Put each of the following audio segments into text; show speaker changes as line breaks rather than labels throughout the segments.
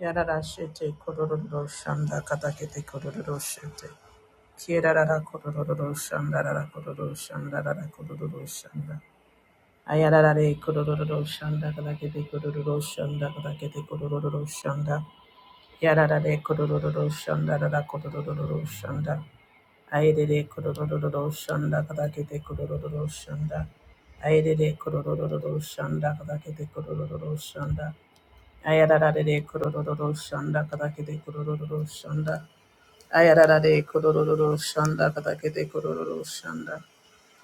Yararashete kororo shanda katakete kororo shete. Kierarara kororo shanda rara kororo shanda rara kororo shanda. Ayararare kororo shanda katakete kororo shanda katakete kororo shanda. Yararare kororo shanda rara kororo shanda. Ayerere kororo shanda katakete kororo shanda. Ayerere kororo shanda katakete kororo shanda. Ayararare kororo shanda katakete kororo shanda. Ayararare kororo shanda katakete kororo shanda.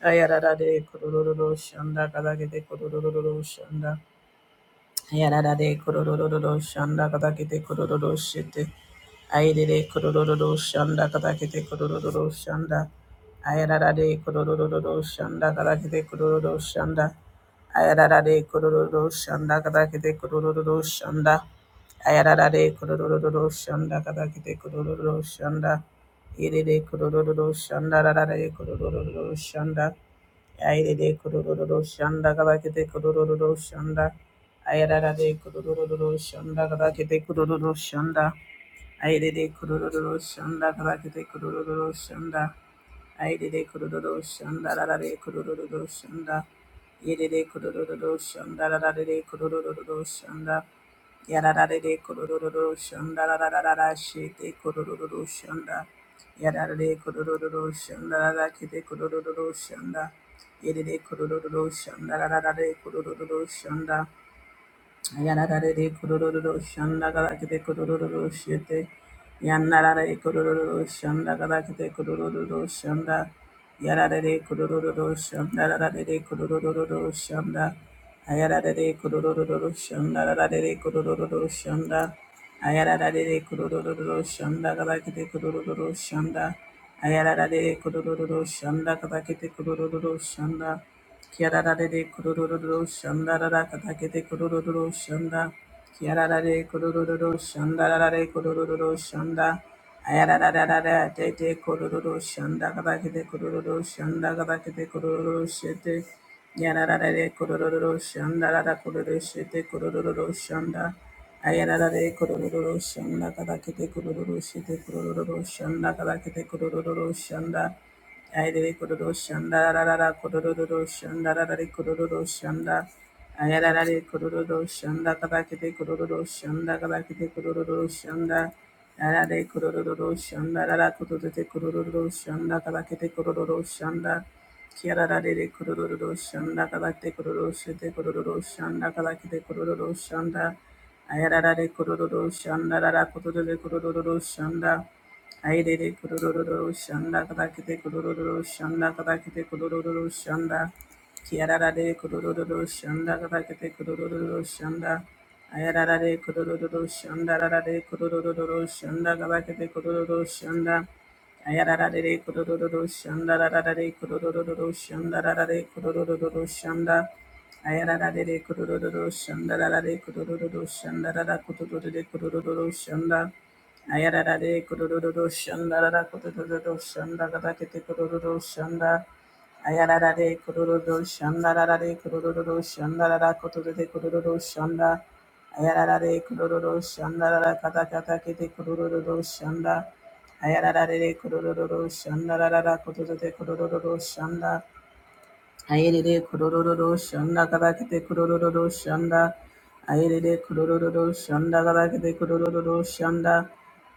Ayararare kororo shanda katakete kororo shanda. Yararare kororororo shanda katakete korororo shete. Airere kororororo shanda katakete kororororo shanda. Ayararare kororororo shanda katakete kororororo shanda. Ayararare kororororo shanda katakete kororororo shanda. Ayararare kororororo shanda katakete kororororo shanda. Irere kororororo shanda rarare kororororo shanda. Airere kororororo shanda katakete kororororo shanda. Ayararare kurururu shonda karakete kurururu shonda. Ayerere kurururu shonda karakete kurururu shonda. Ayerere kurururu shonda rarare kurururu shonda. Yerere kurururu shonda rarare kurururu shonda. Yararare kurururu shonda rararara shete kurururu shonda. Yararare kurururu shonda rarakete kurururu shonda. Yerere kurururu shonda rararare kurururu shonda. Yanarare kororo shandagara kete kororo shete. Yanarare kororo shandagara kete kororo shanda. Yararare kororo shandarare kororo shanda. Ayararare kororo shandarare kororo shanda. Ayararare kororo shandagara kete kororo shanda. Ayararare kororo shandagara kete kororo shanda. Kiararare kurururu shandarara katakete kurururu shanda. Kiararare kurururu shandarare kurururu shanda. Ayarararara tete kurururu shanda katakete kurururu shanda katakete kurururu shete. Yararare kurururu shandarara kururu shete kurururu shanda. Ayararare kurururu shanda katakete kurururu shete kurururu shanda katakete kurururu shanda. Ayerere kororo shanda rarara kororo shanda rarare kororo shanda. Ayararare kororo shanda kabakete kororo shanda kabakete kororo shanda. Ayarare kororo shanda rarara kororo kororo shanda kabakete kororo shanda. Kiararare kororo shanda kabakete kororo shete kororo shanda kabakete kororo shanda. Ayararare kororo shanda rara kororo kororo shanda. Aidede kurururu shanda kadakete kurururu shanda kadakete kurururu shanda kiararare kurururu shanda kadakete kurururu shanda ayararare kurururu shanda rarare kurururu shanda kadakete kurururu shanda ayararare kurururu shanda rarare kurururu shanda rarare kurururu shanda ayararare kurururu shanda rarare kurururu shanda rarare kurururu shanda Ayararare kurururu shandarara kurururu shandarara kete kurururu shanda. Ayararare kurururu shandararare kurururu shandarara kuturute kurururu shanda. Ayararare kurururu shandarara kata kata kete kurururu shanda. Ayararare kurururu shandarara kuturute kurururu shanda. Ayerere kororororo shanda kabakete kororororo shanda. Ayerere kororororo shanda kabakete kororororo shanda.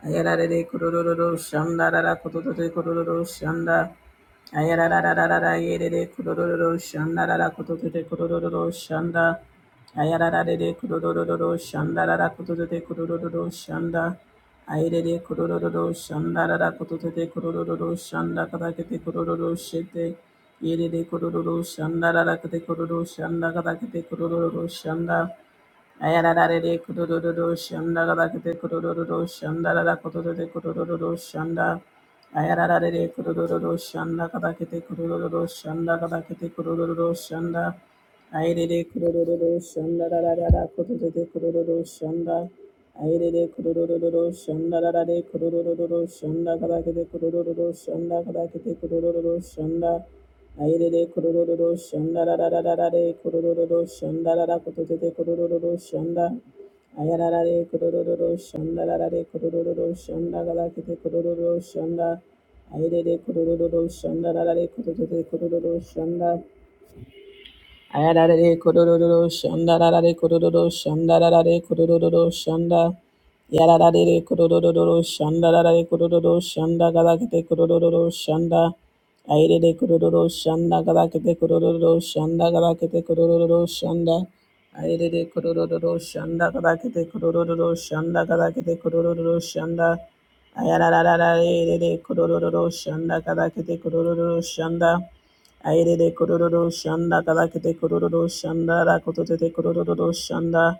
Ayerere kororororo shanda rara kototote kororororo shanda. Ayerarararara ayerere kororororo shanda rara kototote kororororo shanda. Ayarara de kurororo shanda rara kutoto de kurororo shanda. Ayerere kurororo shanda rara kutoto de kurororo shanda katakete kurororo shete. Yerere kurororo shanda rara kete kurororo shanda katakete kurororo shanda. Ayararare kudududu shanda galakete kudududu shanda galakete kudududu shanda. Ayararare kudududu shanda galakete kudududu shanda galakete kudududu shanda. Ayarere kudududu shanda galakete kudududu shanda. Airere kurururu shanda rarare kurururu shanda kadakete kurururu shanda kada kete kurururu shanda Airere kurururu shanda rarararare kurururu shanda rarakotete kurururu shanda Ayararare kurururu shanda rarare kurururu shanda kadakete kurururu shanda Airere kurururu shanda rarare kurururu shanda Ayarare kororo shanda rarare kororo shanda rarare kororo shanda yararare kororo shanda rarare kororo shanda galakete kororo shanda ayirere kororo shanda galakete kororo shanda galakete kororo shanda ayirere kororo shanda galakete kororo shanda galakete kororo shanda ayararare kororo shanda galakete kororo shanda Airere kororo shanda kadakete kororo shanda rakotete kororo shanda.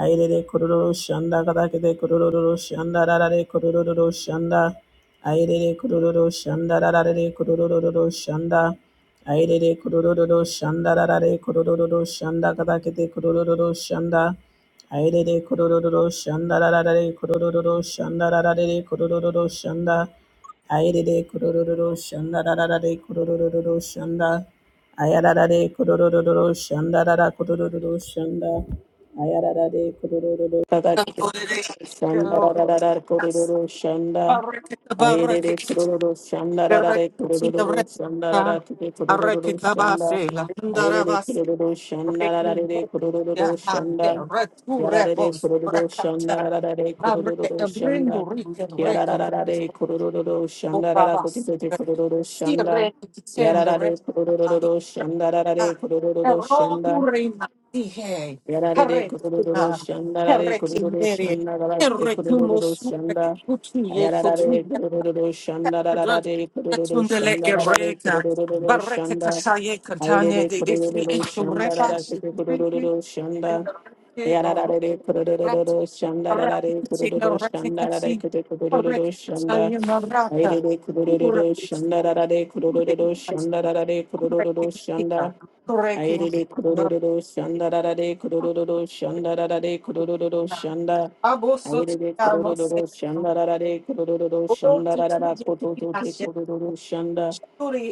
Airere kororo shanda kadakete kororo shanda rarare kororo shanda. Airere kororo shanda rarare kororo shanda. Airere kororo shanda rarare kororo shanda kadakete kororo shanda. Airere kororo shanda rarare kororo shanda rarare kororo shanda. Ayerere kurororo shanda rararare kurororo shanda. Ayararare kurororo shanda rara kurororo shanda. Ayararare kurororo
Sire,
kakake shanda rararare kurororo shanda. Ayerere kurororo shanda rarare kurororo shanda rara kike kurororo shanda. Ayerere kurororo shanda rararare kurororo shanda. Yararare kurororo shanda rararare kurororo shanda. Yarararare kurururu shanda rara kutitete kurururu shanda. Yararare kurururu shanda rarare kurururu shanda.
Erogurima ihe,
Yararare
heretina,
kurururu shanda rarare kurururu
heretinere,
shanda rara kute kurururu
heretumusuke,
shanda.
kutuye,
Yararare
kutuye,
kurururu shanda rarare kurururu
Tundele
shanda rarare
ereka,
kurururu
bareke
shanda.
kasaye katane
Ayarare
de defi
kurururu shanda
echurepa,
rara kute
shikreke,
kurururu shanda.
rendareke, orukrat,
Yararare kurururu shanda rarare
rakutina,
kurururu shanda
rekekasi,
rara kute kurururu
bareke
shanda.
katsaye maraka,
Aire de kurororo shanda rara de
on
kurororo shanda rara de kurororo shanda. Aire de kurororo shanda rara de kurororo shanda rara de kurororo shanda. Aire de kurororo shanda rara de kurororo shanda rara da koto to te kurororo shanda.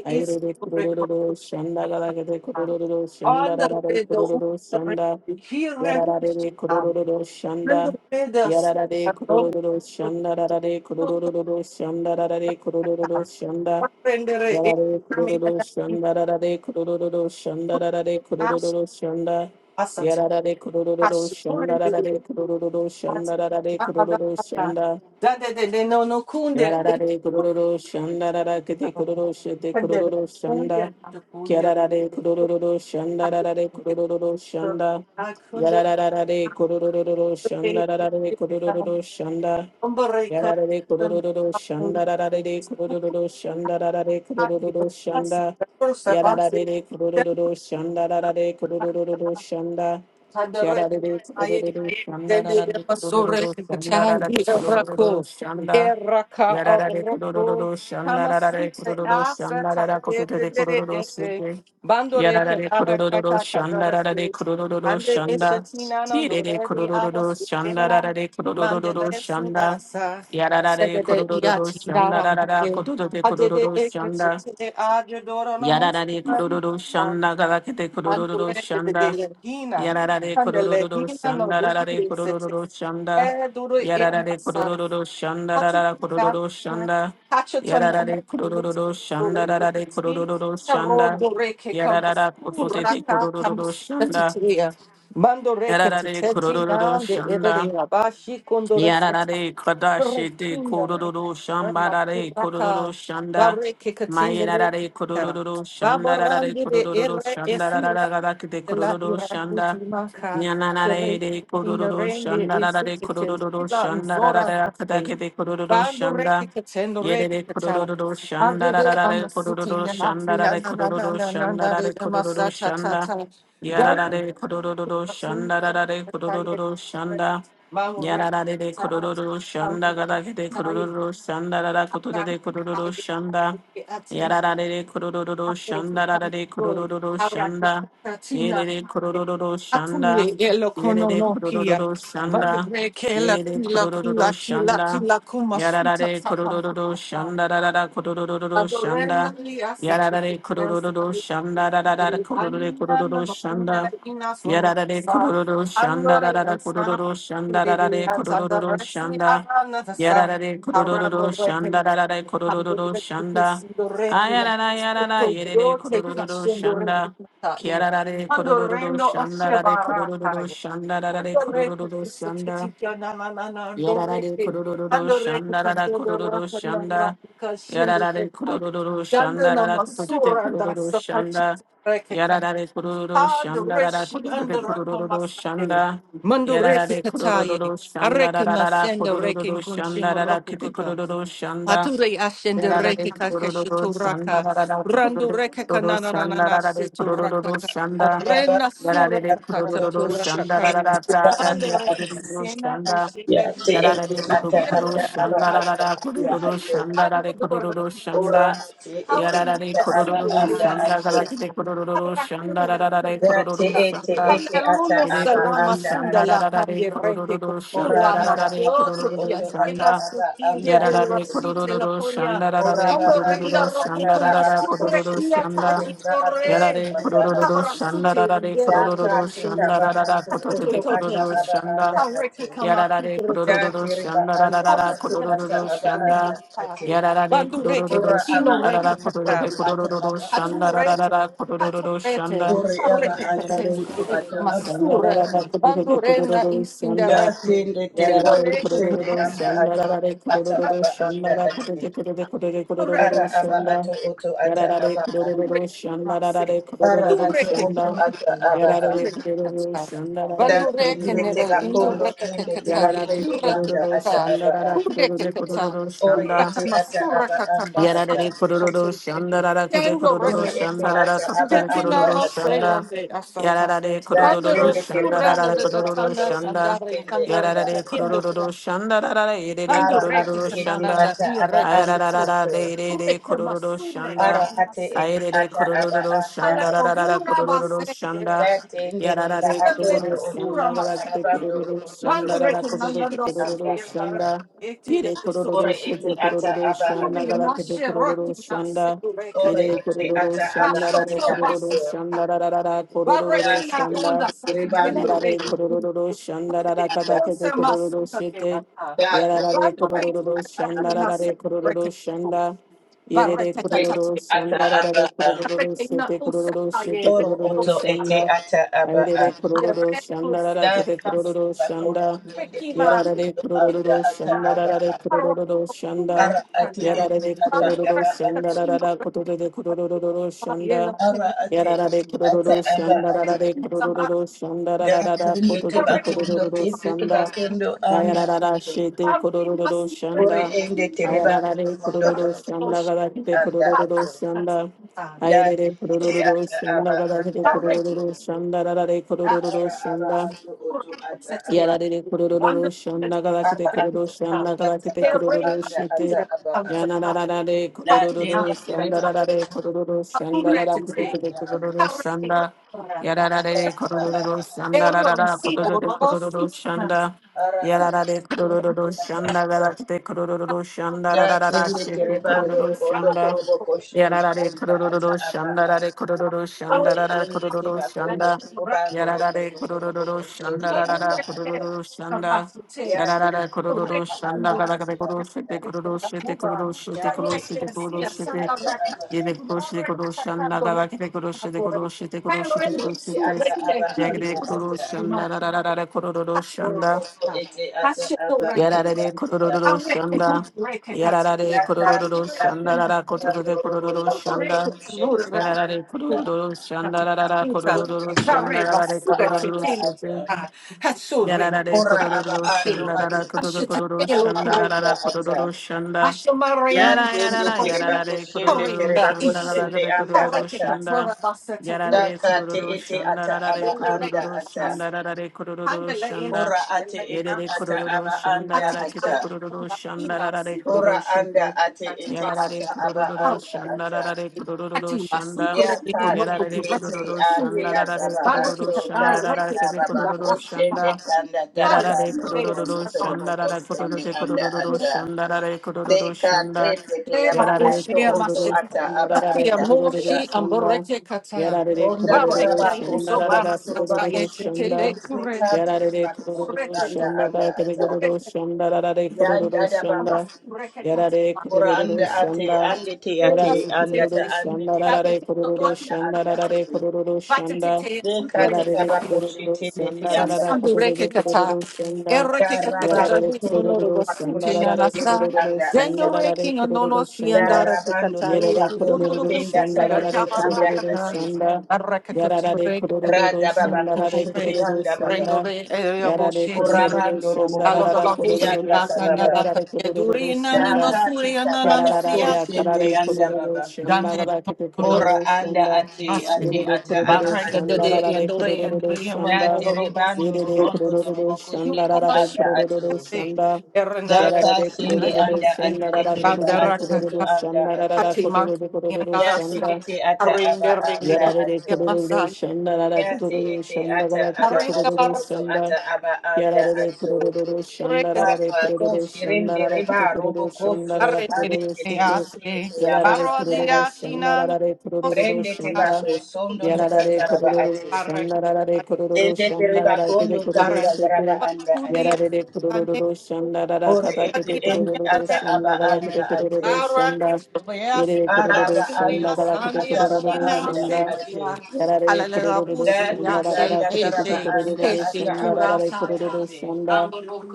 Aire de kurororo shanda rara de kurororo shanda
the
rara de
redo,
kurororo shanda.
here,
Yararare
um,
kurururu
render
shanda.
redos,
Yararare kurururu shanda rarare kurururu shanda rarare kurururu shanda.
rendere,
Yarare
I
kurururu
mean,
shanda rarare kurururu shanda rarare kurururu shanda. Yararare kurururu
as
shanda
a
rarare kurururu shanda rarare kurururu shanda.
Dande de de no no kunde.
Yararare kurororo shanda rarakete kuroro shete
Kunde de
kurororo
kunde
shanda.
de kunde.
Kiararare kurororo shanda rarare kurororo shanda.
I kunde
Yarararare kurororo shanda rarare
de
kurororo shanda.
umbere
Yararare kurororo
kunde.
shanda rarare
Sukuta
kurororo shanda rarare
di
kurororo
berpasi
shanda.
berpasi.
Yararare kurororo shanda rarare
Dan
kurororo shanda. Kiararare
hadere
kurororo shanda
Dende
rarare
emasore
kurororo shanda rarare
katayi
kurororo
erako.
shanda.
Eraka
Yararare
abroko.
kororo shandararare
Kamasute
kororo
asata
shandarara kototere
yedere
kororo
ese.
sete.
Bandore
Yararare
kadara
kororo
kaka kadara
shandararare
se.
kororo
Ande
shanda.
eshetina
Tirere
nandoreri
kororo
abasukela.
shandararare kororo
Mandere
shanda.
sinasa.
Yararare
Sedede
kororo
iati dara
shandarara
paye.
kototere
Adede
kororo shanda.
ekatete adedoro
Yarare
nomosuka.
kororo shanda galakete kororo
Andore de de
shanda.
legina.
Yarare kororo
Candelina no
shanda rarare
duplice
kororo shanda.
É duro e
Yarare
amassado.
kororo shanda rarara kororo
Hatitaria,
shanda.
hachotonoma,
Yarare kororo shanda rarare
e
kororo shanda.
rodoreke
Yarara kototete
kamasuraca
kororo shanda.
kamasutatia. Mandoreke
Yarare kororo
titetia, de edere
shanda.
abashi condoresta,
Yarare kadashi de
refinder,
kororo shambarare
remakiraka,
kororo shanda.
bareke katindere,
Mayarare kororo shanda rarare
baborandi de
kororo shanda
ere
rarararara de
la
kororo
irakuti
shanda.
maka
Nyananare
ere
de
ina
kororo
rende
shanda rarare
isukete
kororo
la
shanda
nzora
rarararara
kate
kadake de kororo
bandu reke
shanda.
ketendo reke
Yerere
kata
kororo shanda
adege
rararare
amasuti
kororo
na na
shanda
na
rarare
na na na
kororo
na na
shanda
na re
rarare kororo
amasa ta ta
shanda.
ta dan
Yarare kororo shanda rarare kororo shanda.
maura
Yarara de de
ta
kororo shanda
amura
gada de
ta ye
kororo shanda rara koto
akra
de
ta
kororo shanda.
ye
Yarara de de kororo shanda rara de kororo shanda. Yere de kororo shanda.
Atunye yelo
Yere
kono
de
no pia.
kororo
Mande
shanda.
breke la
Yere de
kila
kororo
kila kila
shanda.
kila kuma
Yarara
suta
de kororo shanda rara kororo shanda. Yarara de kororo shanda rara kororo kororo
no
shanda. Yarare kororo shanda
Andore
rarara kororo shanda rarare kororo shanda. Yarare kororo shanda rarare kororo shanda. Ayarara yarara yerere kororo shanda. Kiarare kororo
Andorrendo
shanda
ossia
rarare kororo
baracaya.
shanda rarare
Andorrendo
kororo
questo che
shanda.
ti chiama na na na
Yarare
andorrete.
kororo
Andorrete
shanda
con
rara
dodo
kororo
rapa na
shanda.
rapa scende
Yarare
reta.
kororo
Dando
shanda
na
rara kotote
masura da
kororo shanda.
sapacita reke can.
Yarare kororo shanda rara
Andorreshi
kotote
andorrata
kororo
masade.
shanda.
Mandorrete
Yarare
cataye.
kororo shanda
Arreca
rara rara
nascendo reke in
kororo shanda
concimo
rara kete
kaka.
kororo shanda.
Ature ashende
Yarare
reke
kororo shanda
kakeshuturaka.
rara rara
Randu
kotote
reke
kororo shanda
kananana
rara de
situraka.
kororo shanda.
Oraba
Rena
anda
sura
Yarare
ata araba
kororo
kataturaka
shanda
koshite
rara
kanin.
rara
betenga
tata
Kalo
te
reke
atundu
kororo
kena
shanda.
ushike reke.
Yarare
Iru
kururu shanda
raka
rarara kururu shanda rare kururu
kalim.
shanda. Yarare kururu shanda garakite kururu shanda rarare kururu shanda.
Aleluya,
Yere kururu
salama sunda
shanda
la
rarare
hangere que
kururu shanda
cultura más que
rarare
otro día
kururu
llena
shanda.
su tinge de la
Yarare
cita la
kururu
coña.
shanda rarare
Amore
kururu
la roque
shanda
como
rarara
su
kururu
requia
shanda.
tachi torre.
Yarare
anda
kururu
atu.
shanda
Abrasute
rarare
hangere que
Daka
kururu
teka
cultura.
shanda
ba
rarara
atu
Tato
oto ata
tote
kururu
que.
aba
shanda.
anda
Aureke
atu.
kama
Yarare
fitreke.
Ya
kurururu
tereba
shanda
anda
rarara
Aureke
atu ata
katina
kurururu
aba anda
reke.
shanda.
ate.
Yarare
Bandureke
kurururu
Ora aba
katino
shanda
atu
rarara
reke
kurururu
utu ata
kurururu
aba
shanda
anda ate.
Aturete,
rarara kurururu
Caturete,
shanda.
Ore aba
Carete
atu
Yarare
Catendi,
utu ata
kurururu
aba
shanda
anda
Masura,
rarara
ate.
kurururu
Bandorena y
kurururu
Ya
shanda.
Cinderete,
sende tereba
Yarare
Cinderete,
kusende
kurururu
anda
shanda
atu
rarare
ata
kurururu
aba anda
shanda rarara
ate.
kurururu kurururu kurururu
Ara aba
shanda.
atu utu ata
Yarare
aba a.
kurururu
Sureke
shanda
mase,
rarare
Ara
kurururu
atu
sureke
utu
shanda.
kene
ata
ya,
aba a.
Yarare
sureke
kurururu
kata.
shanda
Da
rarare
Bandure
tinde
kene
kurururu
da
tega
indu
shanda.
kondo
breka ke
tinde
kata
tega
Yarara
ye,
de
kondo
tureke
anda
Dododo
ata
kata,
Shanda
aba a.
Dada Dodo
sureke
de
kata,
Dododo
Ore
Shanda
sureke
ete ata
masura
aba
kata
anda
masata
ata.
Yarare
kante
kororo
ye.
shanda rara kede
Kendo
kororo
Uri
reke
ete
shanda
kata,
rara
ata aba
katotele
kentina
anda
kororo
lo se
ata.
shanda.
yande asata.
Yarare
Da
kororo
Kandere
tende
shanda
suranda
rara
teribando
da da
ribondo
kororo
tana
torobo
shanda.
sandare
kushende
kandure
anda
ke
Yarare
ata.
indu
kororo
brasa.
shanda rara yedere
Ara
Bandure
kororo
ke
ate ete
kananda
shanda.
ata
i
aba
reke
anda
kutu.
Ayararara
ato.
de de de
Sureke
kororo
masura
shanda.
Ara ate
kata
ete
Ayerere
ata aba
kororo
anda
shanda rara
ata.
rara
Palagura
kororo shanda.
basera.
Da tende tiba
Yarare
Andalere
atondo
kororo
oto
sura
shanda
ata
rara kede
masaya.
arabando
kororo
ribondo
Bando
shanda
torobo
rara kororo
rekinanda
kushende
doso
kororo
anda
together.
ata.
shanda.
Eti le
Ire
suta.
kororo
Uri ete
shete
ata
kororo
aba
shanda
ato.
Suri
gara kete
mashe
kororo
rotina
shanda.
sedureka.
Uri
Ire
ete
kororo
ata aba
shanda
Basho
rare
anda
so
kororo
ato.
basaka.
shanda rarara
Da
kororo
Barakia
shanda.
tende
onda
teribando
sakendo
Yarare
reki.
kororo shanda rara kata kete
Onse
kororo shete.
masaka.
anda.
Yarare
Bando reki.
kororo shanda
Dakana
rarare kororo
sekireke.
shanda. Ire
Barreta tata.
ete
kororo
ata
shanda
aba
rarare
a
kororo
Rekina
shete
usa.
kororo
aye.
shete
oro
Rekina
kororo
oto ete
usa.
shanda.
ata aba a
Ire
The
kororo
bread
shanda
was
rara
da
kete
tende
that's
te
kororo
bako
shanda.
tende
Ricky
te bako
Martin.
Yarare
Ricky
abda
kurururu
ata
shanda
Martin.
aba
rarare
a
kurururu shanda.
Parvati
ara ate
Kanya.
ete
Yarare
ata
Banjo
kurururu
aba
shanda
ato
Rakachino
rarara kutururu kurururu shanda.
ara ate
Yarare
ete ata
kurururu
aba
shanda
ato
rarare kurururu shanda
da
rarara
tende te
kutururu
bako ndo
kurururu
tende te
shanda.
bako ndo anda
Ayarara shete kurururu
ore
shanda.
ende
Rakachino
te reba
Ayarare
ndo
kurururu
toro
shanda
koshi
gadakite
anda
kurururu
ato
shanda.
da tende
Ayarere
te
kurururu
ata aba
shanda gadakite
anda ato
kurururu shanda rarare kurururu
ara aba
shanda.
ato oto ata aba
Yarare kororo
Rakachino
shanda galakite
Ara
kororo
atu
shanda
ata
galakite
aba
kororo
anda
shite.
ata aba a.
Yanararare
Na tende
kororo shanda
tereba atu
rarare kororo shanda rarare
anda
kororo
ata.
shanda.
Ara
Yararare
aba
kororo
atu
shanda rarara kororo kororo shanda.
ara atu
Yararare kororo shanda
ata.
galakite kororo shanda
Da
rarara
tende
shite
tereba ando
kororo
robondo
shanda.
torobo koshende
Yararare
anda ata
kororo
aba
shanda
a.
rarare kororo shanda
Ore
rarare
ende
kororo
teba kondo
shanda.
toroba ando
Yarada
robondo torobo
Kururu Shanda
koshende anda
Rada
ata.
Kururu Shanda
Ya
Yarada Kururu
aba
Shanda Gadaka
anda
Kuru
ata.
Shite Kururu Shite Kururu
Ya
Shite Kuru Shite
tende
Kuru
ende
Shite
ata aba
Yede
anda
Kuru Shite
ata.
Kuru Shanda Gadaka Kuru Shite Kuru Shite Kuru Shite
Ore
Kuru
ende
Shite
ata aba
Yagade
anda
Hallelujah.
Kuru
ata.
Shanda Rada Kururu
Oro
Shanda
oso ete ata aba anda
Yarare
ata.
kororo shanda.
Ya
Yarare kororo
kati
shanda
tanda
rara kototo
tanda
de
oro
kororo
bondo
I'm
toro
going to be a
shanda.
bondo shende
little
anda
bit
Yarare
more
ata.
relaxed.
kororo
I'm
shanda
going to be a
rara
Oro
kororo
ete
little bit more
shanda
ata
rara
relaxed. I'm
aba
kororo
anda
shete.
ata.
going to
Yarara de
Ora aba
kororo
be a
ando
shanda
ate
rara kororo kororo
ata
little bit more
aba
shanda
relaxed.
anda
rara
ata.
kororo
I'm
shanda.
going to be a little bit more relaxed.
Ya
Yara
tende
yarara
tere
yara
bako
de
I'm going
shende
to be a little bit more relaxed. I'm going
kororo
to be a
tere
little bit more relaxed. I'm going to be a little bit more
bako
relaxed.
shanda
I'm
rara
shende
de
going to
anda
kororo
be
ata.
shanda. Yarara
Ya
de
kate
kororo
ete
shanda
ata
rara de
aba anda
kororo
ata.
shanda rara de kororo shanda.
Ora ate
Yere
ete
de
ata
kororo
aba
shanda
anda
rara
a
kete
ata.
kororo
little
shanda
bit more
rara de
relaxed.
kororo
Ora anda
shete.
ate
Tati
ete
Yarara de
ata
basuta.
aba
kororo
anda
Hareke
shanda
ata.
rara de
tati.
kororo
Tati
shanda.
Ya
basukure niko
tate
noko
Yarara de
kureke
ete
kororo
ate
shanda
takuye.
rara
ata
de
ba
Baro ke
kororo
ato
tata
shanda
tate
rara
reke
kete
taba ba
kunda
kororo
raka
koshende
shanda.
pahari.
tanda
Yarara
taraba
de
Hareke
kororo
norobondo
asano
torobo
shanda rara
raka.
kororo
koshende
de
anda
kororo
ata.
shanda rara kororo
De kate
shanda.
leke
Yeshe
yaba
Yarara de
maboshe
ato oto
amashe.
kororo
ata
shanda
aba
rara de
Afia
anda ata.
kororo
moshi
shanda.
amboreke kata.
Yarara de
Ronda
kororo
taraba
Bareke
shanda
inso
koso
rara
rondo
de
toroba
barasata
kororo
yete
koshete
tele
shanda.
kureke.
tate
Yarara de
taba koso
kororo
anda
Kureke
shanda
anda
rara de
ata.
kororo
kureke
shanda rara de
Ya
kororo
dada baba
shanda.
amasureke
Yarara de
kata.
Ora
kororo
anda ate
shanda.
Tati
ande te
Yarara
ate
de
anda ta
kororo
basukete.
ande
shanda
te
rara
bako
Tati
de
to
kororo
oti.
anda
shanda
anda
rara de
ate
kororo
Batete,
shanda.
de kate
Ukurete,
Yarare
kabako
Kururu
shite ne te
Shanda
anda
Rara
Satsundu
ate
Kururu
Rekata,
Kururu Shanda
da rabako
Yarare
Erekata,
tondo to
Sonoro,
Kururu
bako
Shanda
Sutin, and
shite
Rara
ne te
Asan,
Kururu
anda ate
Shanda
Dendo
Rara
Reking, and
Kururu
Nono
da
Shanda
Siandara
rabando
Tata,
to
Yarare
Guru
bakondo
Kururu
tenda
Busis,
ta
Shanda
and
Rara
anda
Kururu
Jabaraka,
ate
Shanda
Arakatu,
Yarare
Rekatu,
Kururu
rada
Shanda
babako
Rara
shite
Nunakure,
Kururu
anda baba
Shanda
Rendore,
Yarare
Eaboshiti,
Kururu
urabando
Shanda
roboko
Rara
shite
Alodavabusi,
anda
Kururu
ta
Shanda
baba
Akandaka,
Rara Kururu
Durina,
da
Shanda
kate
Nimasuri, and
kababa ko
Yarare
Nananisiakia,
shende
Karare
anda
Kururu
baba
Shanda
Dande.
Rara
Ora
Kururu
anda
Shanda
ate
Asin.
Yere
ate
de
ata
kororo
aba
Baranga de
shanda
ato.
de
rara de
endore
kororo
endore
Da
shanda.
yamanoro osin.
terebando
Yere de
robondo
kororo
toroboko
You
shanda
shende
come
rara de
anda
kororo
ato.
Hey,
shanda.
Daka
Errendere,
Yarara
ka
de
shende
kororo
anda ato
Elejanote,
shanda rara
ete riba
kotoro de
ato
Bandaraka,
oto
kororo
anda
shanda rara
ato.
kotoro
Hachimanku,
de kororo
Ya te
Yandarasa,
shanda.
ete ata aba
Arendere,
anda
Yarare
ato.
kororo
Yamasai,
shanda rara
Ya te
kororo
ete
shanda
ata
gara
aba
kete
Arenda
ato
kororo
oto ata
shanda.
aba anda
Yarare
ato.
kororo shanda
Barasure,
rara re
Papa ko
kororo shanda
shirende
rara kete
reba
kororo
roboko
shanda rara
Arendere,
sosate
kororo
ete
shete.
ete
Ase,
ete aba
Yarare
anda
kororo
Barodia,
ato.
shanda
Shinan,
rara re
Os,
kororo
Prende te
Ashi,
bato
shanda.
sondo to
Putin,
Yarare
gataraba
kororo
ate.
Arek,
shanda rara re kororo
Ende tere
shanda rara
bakondo
kete kororo
ganda
Arendere,
yaraba
shete.
anda
Bakudia,
ate.
Yarare kororo shanda rara
Ore
kata
ete
kete
ende
kororo
ata
Adea,
aba
shanda gara
anda
kete
ate.
kororo shanda. Yere
Araba
kururu
ando
shanda
otu
galakete
ataraba
kururu
anda
shanda.
ate.
Yarare kururu
Date
shanda rarara
tanda
kete kete
taraba anda
kururu
ata
shanda
aba
rarare
anda
kururu
ate.
shanda.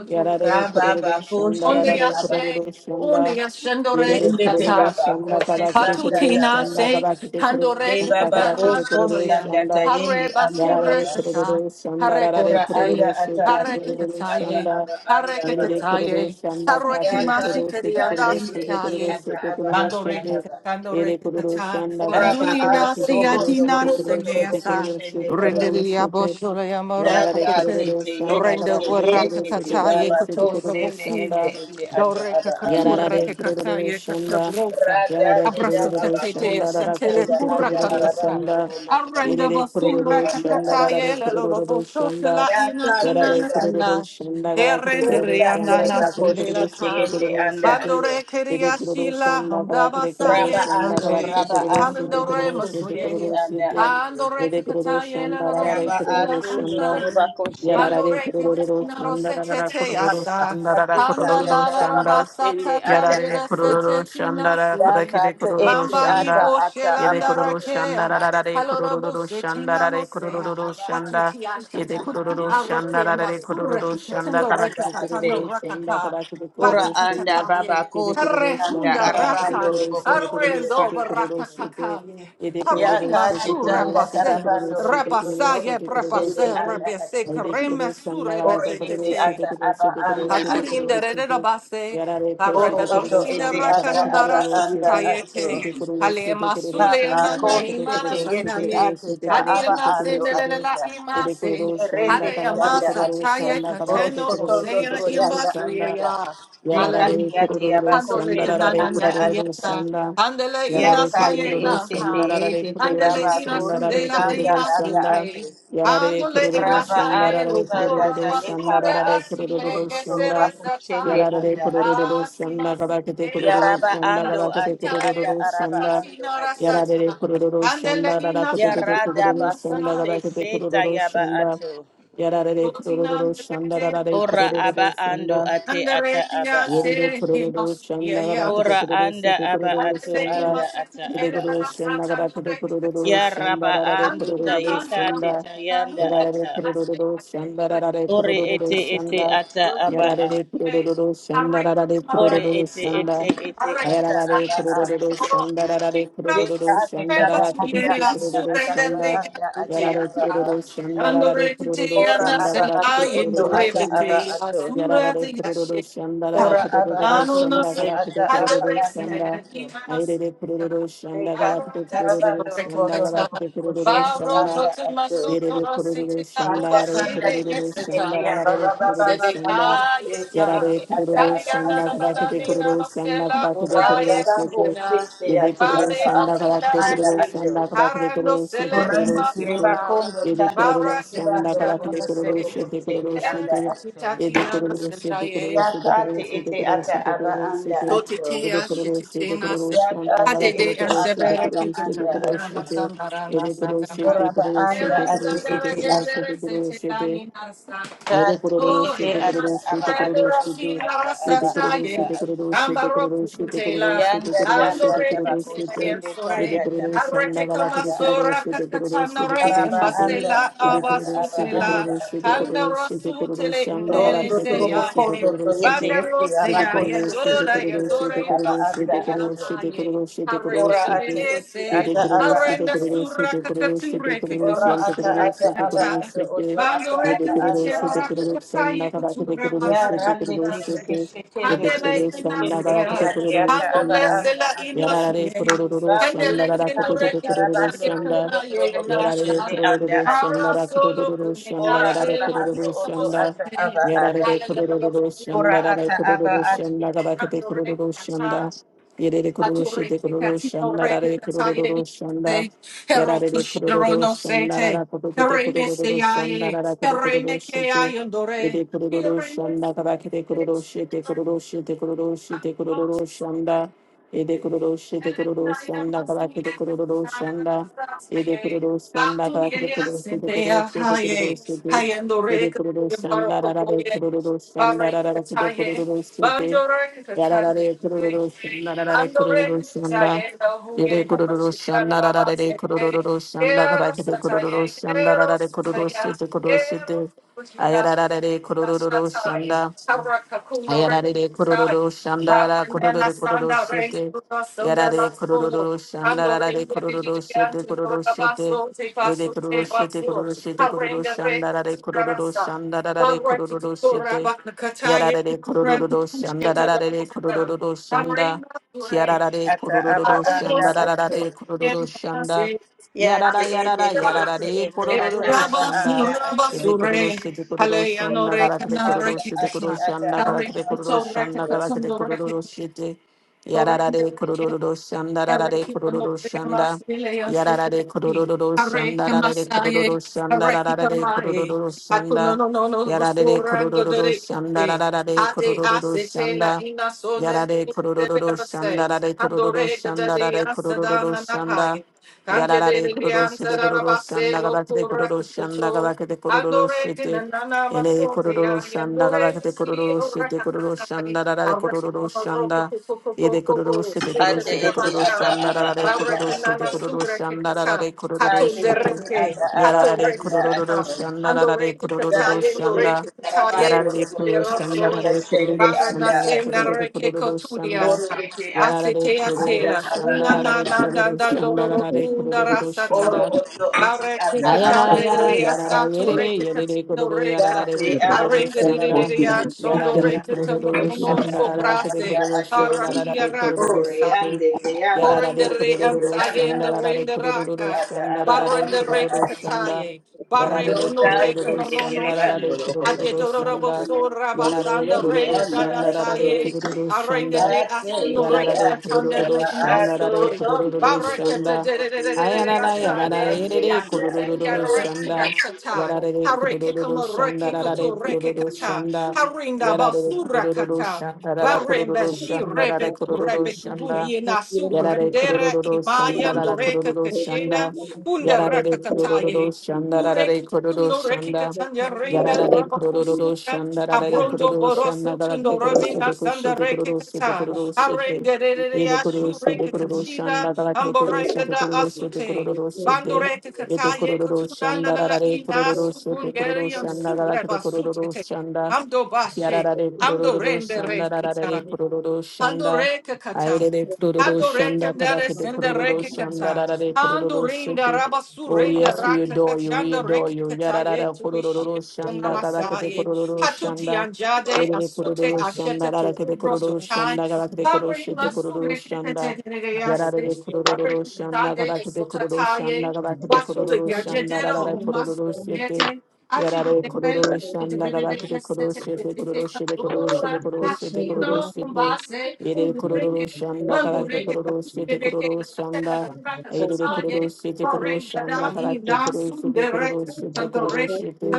Yarare
Raba
kururu
bako
shanda
Onde
shendi
rarare
baba.
kururu
yashe, onde
shanda.
yashendore
Yere
Lende te
kururu
yata,
baba ko
shanda
se
galakete
sanda
kururu
Patutina
taraba.
shanda
se
galakete kururu
De
handore
shanda
baba ko
galakete
so
kururu
kakazarantoya.
sanda
shanda.
tayende
Hare
anda
basure
Yarare
baba.
kata.
kururu shanda
Hare
rarare
Ora
kakate.
anda
kururu
ata
shete
Hare
ate ete
kururu
ata
kakataye.
shanda.
aba
Hare
anda
Yere de
baba.
kororo
kakataye.
shanda
Hare
kahire
Yaka
kororo
kimasuteri
sete
kaka
kororo
yende
sete
ete
kororo
andasikaye.
ata
sete
aba
kororo
ata
Bandore
sete.
baba.
kakandore
Yere kororo
kakata.
shanda
Ora ba
kahire kororo
Andurina
ato
sete
se
kororo
robondo
adina
sete
robondo
kororo
torobo
sete
seneasa.
kororo
koshende
sete
baba.
kororo
Renderia
sete.
boshore amora
Yarara de
Daka
kakate.
kororo
tete
shanda
yete
Rende
te
kahire kororo
yete te
sete
warakataye
kororo
baba
sete
kuturo
kororo
kosende ende
rabofuye.
shanda.
ete ata
Dore
aba anda
Yarara
kakature
Yarare
ate.
kururu
kakataye
shanda.
kakabrosa.
Rada
Yarare
de da
Abraso
kururu
baba
tete dea
shanda rara
kosende
satele
anda
kutote
kura
anda
kururu
arabando
kakata.
shanda.
robondo torobo
Aranda
Yerere
koshende
basura
kururu
anda
shanda
kakata
ate.
rarare
yela lolo
kururu
boso
shanda.
tela ina
Yaka
Yarare
sanana
sesa.
kururu
sana.
shanda galakete
Erende
kururu
Deka
rianda
shanda
tereba
galakete kururu
nasulela
koshende
ka.
shete
ende
kururu
anda
shete.
ate.
Bandore kiria
Yede kururu
shila
shanda
honda
galakete
basa
kururu
Raba
ye
shanda
ando,
kate.
galakete
raba
kururu
ando,
shete
robo
Talendore
kururu shete
kushende
kururu
masoye.
anda
shete.
atu.
Andore
Yede kururu
kakata yela
shanda
lolo
rarare
Raba
boso
kururu
la
atu, ndo
unsa
shanda.
roba
ye.
kushende.
Yarare
Bandore
kururu
kitina
shanda
rosete
rarara
te
kururu
Raba
asa.
shanda
atu,
rarara
Handa
tanda
kururu
la
taraba
la
shanda.
rabasa
kushende anda
Yarare
tatandira
atu.
kororo
sete
shanda
tina
ra
soye.
Daka
parakire
te
kororo
ete
Mamba
ata
shanda.
yibo
ata
Yede
aba
shelanda
kororo
atu otu
shanda
rakea.
ra ra ra
anda.
re
Halora
kororo
buse
shanda ra
tinano
re
Ora
se.
kororo
aba
Hatu
shanda.
atu,
ti
tanda
Yede
ashtatan.
kororo
taraba
shanda
Arake
ra ra re
robo
mbasure
kororo
kushende
shanda
katendo reke
anda
karakire
atu.
katano
kororo shanda
rakaka.
karakire
Ora
Bata
kororo
anda
shete.
tatata
baba
ye.
Yede
kushende
kororo
anda
shanda
Arehunda
araba
karakire
ando
raka.
kororo
robo
shete kororo
kushende
Arendo
shete
anda
kororo
atu.
shete.
rakakaka ye.
Yede kororo
Harima
shete
Yakati
sure
kororo
tanga
shete
pase.
kororo
tarabando
shete
robondo
kororo
Repasa
torobo
ye
shete kororo
kusende
prepase
shete.
anda
rebese
atu.
Yede kororo
kreme
shanda
sure
ra ra re
Ore
bete
kororo
ete
tete.
shete
ata
kororo
aba
shete kororo
anda
shete
Paturin
atu.
kororo
de
shete.
Redabase,
Yarare koşu de
Oro
kurulu
oto
Parebanosina
ete
şanda kadar
ata
kede
aba
Kandara
kurulu
anda
şede
atu.
Satayete,
de kurulu
Hale
şede kurulu
Masule
Papa
şanda
Nana
ko
kadar kede
Imana
shete
kurulu şede
yete
kurulu
Sanaye,
şede
atuta
kurulu
aba
şede
Hadirana
kurulu
ando
şede
Sendela
atuta.
de
Imase,
kurulu şanda
Derende
kadar
Hadayama
kede
tianda
kurulu
atuta.
Sataye
şanda kadar
Oro
kere
Kateno
kurulu
sotondo
şede
Osea
toro
kurulu
yanda
şanda
atuta.
Imbasuya.
Yarare
Dekati
Hallelujah.
ate aba
kurururu
ko
Handole
sanda
shende
rarare
Kanana
anda
kurururu
atuta.
Nahiata,
sanda.
Handele Ina
Yarare
Yakati
kurururu
Sayena,
ete te
sanda rarare
ete te
Handele
kurururu
baba
Ina
ko
sanda rarare
Sundela
kurururu
anda
sanda.
Eyasike.
atu.
Yarare
Andole e
kurururu
Raba
sanda
masaye
aku
rarare
tanda
burra
kurururu sanda
tayeka
basure
ba
da
rarare
atu
sile
kurururu
tondo
e
toroba
sere
sanda.
kuchende
sata.
Yarare
anda atu.
kurururu
Ah, si
sanda galakete
Ya
basidea.
kurururu
raba
sanda
ando
galakete
ate ata
Tatitaye,
kurururu
araba
sanda.
ando
tatatina
ate.
Yarare
rasata.
kurururu
Andele
sanda rarare
ina
Ya
sanana
rada
kurururu
ina
bako
sanda
sa.
se
galakete
se
kurururu
tayaba
sanda.
atu.
Yarare
Sotina
kurururu sanda
anderete
rarare
na
Ora
kurururu
aba
sotina.
ando
sanda.
ate ata
Anderete
aba
ya
a.
Yedede
se ina
kururu
suya
shanda gada
ya.
kete
Ora
kururu
anda
sete
aba
kururu
atu
Andele
shanda.
ima
anda ata
sete
Yede
jere
aba
na
kururu
a.
shanda
rasata
gada kete
anderete
kururu
Ya
katai.
shanda
raba
rarare
ando
Andele na
kururu
na
tayeka ate
shanda.
na na
tayanda
Yarare
ata.
kururu
na na
shanda rarare
Ore
kururu
ete ete
shanda.
ata aba a.
Yarare kururu shanda rarare
Ore
kururu
ete ete
shanda.
ete ata
Ayarare
aba a.
kururu shanda rarare
Deka
kururu
ate
shanda
taba
rarare kete
anda anda
kururu
ata aba
shanda.
anda ata
Yarare
aba a.
kururu shanda rarare kururu
Ora
shanda
aba
gada
ato
kete
oto
kururu
ata
shanda.
aba ato.
Yarare kururu shanda rara
Ora aba
kururu
ato
shanda
oto
kala
ata aba
kururu
anda
shanda.
ato.
Aire kururu shanda
Deka
kala
anda taraba
kururu shanda
dorobondo
kala
torobo
kururu
koshende
Baro
shanda.
anda
totu
ato.
masuto
Yerere kururu
rositi na
şanda
Banda
rarere
ubasi
kanda
de
kururu
ete
eteta.
ete
şanda
aba
rarere
baba
kururu
baba bako
şanda
ete
Sedeyayeka.
yarare
ete ata
kururu
aba
Sabiana
şanda
na
anda
na na
kadakete
ni
ato.
na
kururu
no
şanda
sela
kadakete
obaya
kururu
Radako
şete
kamena.
Sisi
yede
ati
kururu
ata
Bale no
şanda
abana
kadakete
anda
kururu
sindareke.
şanda
ato.
kadakete
Hara no
kururu şete
sela
kururu
Urandi
ima
kiriba
şete
sura.
kondo
yede
tanda
kururu
Bara
takiba
şanda
andoro
tepecha
kadakete
kondo
no se.
kururu
torobo
şete
kosende
kururu
anda
şete
ato.
Tutitati
yede
na na
kururu şete kururu
sendaye.
şete
Yakati
kururu şete
iti
kururu
ata
şete
aba
kururu
anda
şete
ato.
yede
Sotitia
kururu şete
shititina
kururu
se.
şanda
Yakati
kadakete
Hadede
iti
and
kururu
ata
şete
sebere
aba
kururu şete
anda
kururu
kikachamina
ato.
şete
masandara na
Ele
sandara.
corochete,
Oraba anda
corochete,
Eran
ati
corochete,
sandara
iti ata.
gendere
corochete, corochete.
setela
Yede
Kati
kororo
Oh,
iti
shede
ata
kororo
más
aba
shede
ato
kororo
corredora
oto
sin
shede.
ata
la
aba
Yede kororo she
anda
sachaye,
de
ato.
kororo shede
Ambaro
kororo shede kororo
Kutela,
shede
Yanda
kororo
tanda
shede
Andore
kororo
tabako
Kitila
shede.
and
sende
Sore,
Yede
tanda
kororo
tabako
shanda
Arrekeka
galata de
anda
kororo
ato.
Masora
shede kororo shede
Kakatanare,
kororo
araba
shede.
anda
Masela
ata
Yede kororo
ata aba
she de
anda
Abasutela,
kororo shede
ato
kororo
Andaro
shede kororo
Sutele,
shanda
Nene
galata
rondo
de kororo
torobo
shede
Seyaye,
kondo to
kororo
yete
shede.
yete
Bandero
aba
Yede
Seyaye,
kororo
kosi
shede
tende
Dola,
to
kororo
yete
shede
Yandore,
aba
kororo shede
anda
Masila,
kororo
ato
Aye,
shede kororo shede kororo
ora
Arende
ate
shede.
ete
Dese,
Yede
ata
kororo
aba
shede
Arenda
ato
kororo
Sura
shede kororo shede
Kakature,
kororo
ora
shede
ata
Kakamasure,
kororo
ata
shede
aba
kororo
Kakata.
ato
shede.
oto ata
Ye
Bandore
de
aba
kuru
kiniche
anda
se de
baraka
kuru
ato
shanda
katsaye
ka ba ke de
kutura
kuru
ya
se de
baraka
rande
kuru
te
se
ko
inase.
de
keshe
ye
tende
de
to ko
Handele
kuru shanda
tende
ka ba
te
ke
inasia.
de
yate
kuru
ata aba
Handole
shanda
anda
sela
yara ra
ato
re kuru
inasie.
ru shanda
Handele
ra
Bakutu
ra ko to de
kanda
kindore
kuru ru
katsaye
karabando
shanda
robondo
kunaye
torobo
yara
inasa.
re
koshende
kuru
anda
ru
ato
shanda
Para
ra ko to
solo
ru shanda
Ora
ra ra re
kuneashe
aba
la
kuru
ato
ru
hina
oto
shanda
ata
osute.
aba a.
yara re kuru ru
Ora
shanda ra ra
ata
kuru
aba
ru
ato
shanda ka ba ke de kuru ru
Hallelujah.
shanda ye de kuru se de
Batureke
kuru
katino
shanda ra
reke
re kuru
kataye
ru
ni se
shanda Yarara
heroku
de kuru ru
shiro
ru
no se
shanda
te
rara kuru kute kuru
hereme
ru
se
ru shanda
yaye
rara kuru kuru
hereme
ru
ke
shute.
ayondore
Ede kuru ru ru
hereme
shanda kara kete kuru ru shete kuru ru shete kuru ru shete kuru ru ru
se
shanda. Ede
Ero
kuru ru shete kuru ru shanda kara kete kuru ru ru shanda. Ede kuru ru shanda kara kete kuru ru shete kuru ru shete kuru ru shete. Ede kuru ru shanda rara de kuru ru ru shanda rara kete kuru ru ru shute. Yarara de kuru ru ru shanda rara de kuru ru ru shanda. Yere kururu shanda ra ra re kururu shanda ra re kururu shanda ra ra re kururu shite kururu shite ayara ra ra re kururu shanda Ayarare kororo shandara kororo
Babanela
kororo
sanda range
shete.
Buddha sunda
Yarare
last photo.
kororo
Ando
shandara re
ring the
kororo
vigilant
shete
to the
kororo shete.
Rabaso, take us
Yede
to
kororo
take us
shete
to.
kororo shete
I
kororo
ring the break
shandara
to
re kororo
Narasa.
shandara re
One right to
kororo
Tora
shete.
Bakataya,
Yarare re
two right to
kororo
Pushketa
shandara re
Rabosa.
kororo
I ring
shanda.
the Ture.
Kiarara re
ata aba
I
kororo
will not
anda
see
shandara
ato.
re kororo
and
shanda.
see.
Ya
I
te
Yarara
ende
yarara
te
yarara
ring
ete
re
ete
the
ata
kororo
aba
shanda.
anda
Rabasu
ato.
Yebe kororo
Rabasure.
de kororo
Ora
shanda
Haleanore
kala
aba
de kororo
anda
Kanaraki
shete
ate
kororo
Kashan.
ata
I
shanda kala
aba
ring
kete
the
anda
kororo
Tora
shanda
ato.
kala kete
Katasundoraki.
kororo shete.
Andore
Yararare kororo shanda rarare kororo shanda. Yararare kororo shanda de kororo shanda rarare de shanda. Yararare kororo shanda rarare kororo shanda. Yarare kororo shanda rarare kororo shanda rarare kororo shanda. Yarare kororoshi de kororoshi anda gada kete kororoshi anda gada kete
Andore
kororoshi
que
te
nanana
ene
basote ya
kororoshi anda
andore
gada kete
mesi
kororoshi
ora
te kororoshi
kakatai
anda rarare
arreke
kororoshi
moro
anda
kuku kuku
ede
kuku kuku
kororoshi te
Ate
setere
kororoshi te
ya
ete
kororoshi
ata
basha
anda
aba
rarare
anda
barreke
kororoshi te
nana
ato.
sure
kororoshi
que
anda
katam
rarare
taton
Ate
kororoshi te
ete
dereke
ata aba
taton
yarare
reke
anda
katam
ato.
kororoshi anda
andore
rarare
que
That
katai
kororoshi
andore
is
anda
que katai
Rabando
yarare kororoshi
Robo
anda
titiberoso
Robo
rarare
Sende
Bara
kororoshi
anda
anda
nasem
ato.
nareke
anda
Oro
koturiasa
ete ate
Yarara de
asete
ata
Dororo
asela
aba
Shanda Rara
anda
nana
de
nana
Dororo
ato.
Thank
Shanda
dandoro
Rara de
kinda
Kororo
Oro
Shanda
oto iti
Bareke
ata aba
Ayara yara
katadeleya
anda
yara yara
sato
ato.
yere
reke
yere
katino
kororo yara
reka.
Dake
yere
ati
kororo
Arende de
taba
de de
shanda
de reka an
kusini
yara
sondo
anda
yere
ati
kororo
iti ata
shanda
aba
yara yere
anda
kororo
ato.
shanda yara
Araki
yere kororo
Ore
araka.
sote
ande te aba
yara yere
Borendere
kororo
kusini
ansaye
anda
in
shanda
the
ato iti iti
renderaka.
ata aba
yara yere
anda
Barrendere
kororo
ato.
shanda
kitaye.
yara
Barreke
yere
no
Dota
reka
kororo
no
kende
no
shanda
no
kereba
yara
sini.
yere
ndoro oto.
kororo
Ajedorobo
shanda
so
yara yere
rabasanda
Kusini
kororo
renda
anda
dada
shanda yara yere
saye.
ato.
kororo
Arenda
shanda
de asuno
yara yere kororo shanda yara yere
rekita tande
kororo
le
shanda yara yere
imbasute.
kororo
Barreka de
shanda
de de de de de de
Ayarara yarara
asaye.
yerere
Asutenya
kurururu
rekita
shanda.
satai.
Yarare
Hareke
kurururu
kama
shanda
reke
rarare
koto reke
kurururu
kata.
shanda.
Harinda
Yarare
basura
you.
kurururu
kata.
shanda rara
Baremba
kurururu
shi
shanda rara
rebeku
kurururu
rebeku
shanda.
buriena
Yarare
sukurendera
kurururu shanda
imayan
rara
dureka
kurururu
kashena
shanda.
unda raka
Yarare kurururu
kataye.
shanda rarare
Bureka
kurururu
tuno reki
shanda.
katanya renda
Yarare
rabaku
kurururu
suta
shanda rarare
Thank
abrondo
kurururu shanda
boroso
rarare
tuno
kurururu
ramina
shite
sanda
kushite
reki
kurururu shite
kata
kurururu shite.
arende
Yede
rereya shu
kororoshi de
reki katina
kororoshanda kalakre kororoshi
amborenga
de
da
kororoshi de
asute.
kororoshi de
Bandoreka
yede
kataye katuna la
kororoshanda
la la
rarare
ina
kororoshi
sukun
de
sukunyeri am su
kororoshanda kalakre
sureba sutete.
kororoshanda
Amdo bashe.
kiararare
Ando rende re
kororoshanda rarare
kita. Ando
kororoshanda
re kakata.
aire de
Ando re
kororoshanda
kandare
kalakre de
sende re
kororoshanda
kikata.
rarare
Ando
kororoshi
rinda
de
rabasu
Oh
rende
yes, we
rakata
adore you, we
chanda re
adore you.
kikata ye
Yararara
tu ishi.
kororoshanda kalakre
Namasaye, Hatuti
kororoshanda
Anjade,
Yerere
Asute
kororo shanda
Ashete to
rarakete
Rubro
kororo
Sotai,
shanda garakete
Hari
koroshete
Masu
kororo shanda.
Rekete
Yararere
Nerease,
kororo
you.
shanda
Arekitaye,
garakete kororo shanda
Esotataye,
garakete
Thank
Wasu de
kororo shanda
Gajedero,
rarare
Umasu
kororo shete.
Back
Yarare kororo shanda garakete koroshete koroshete koroshete koroshete koroshete. Yere kororo shanda garakete koroshete kororo shanda. Yere kororo shete kororo shanda garakete koroshete koroshete koroshete.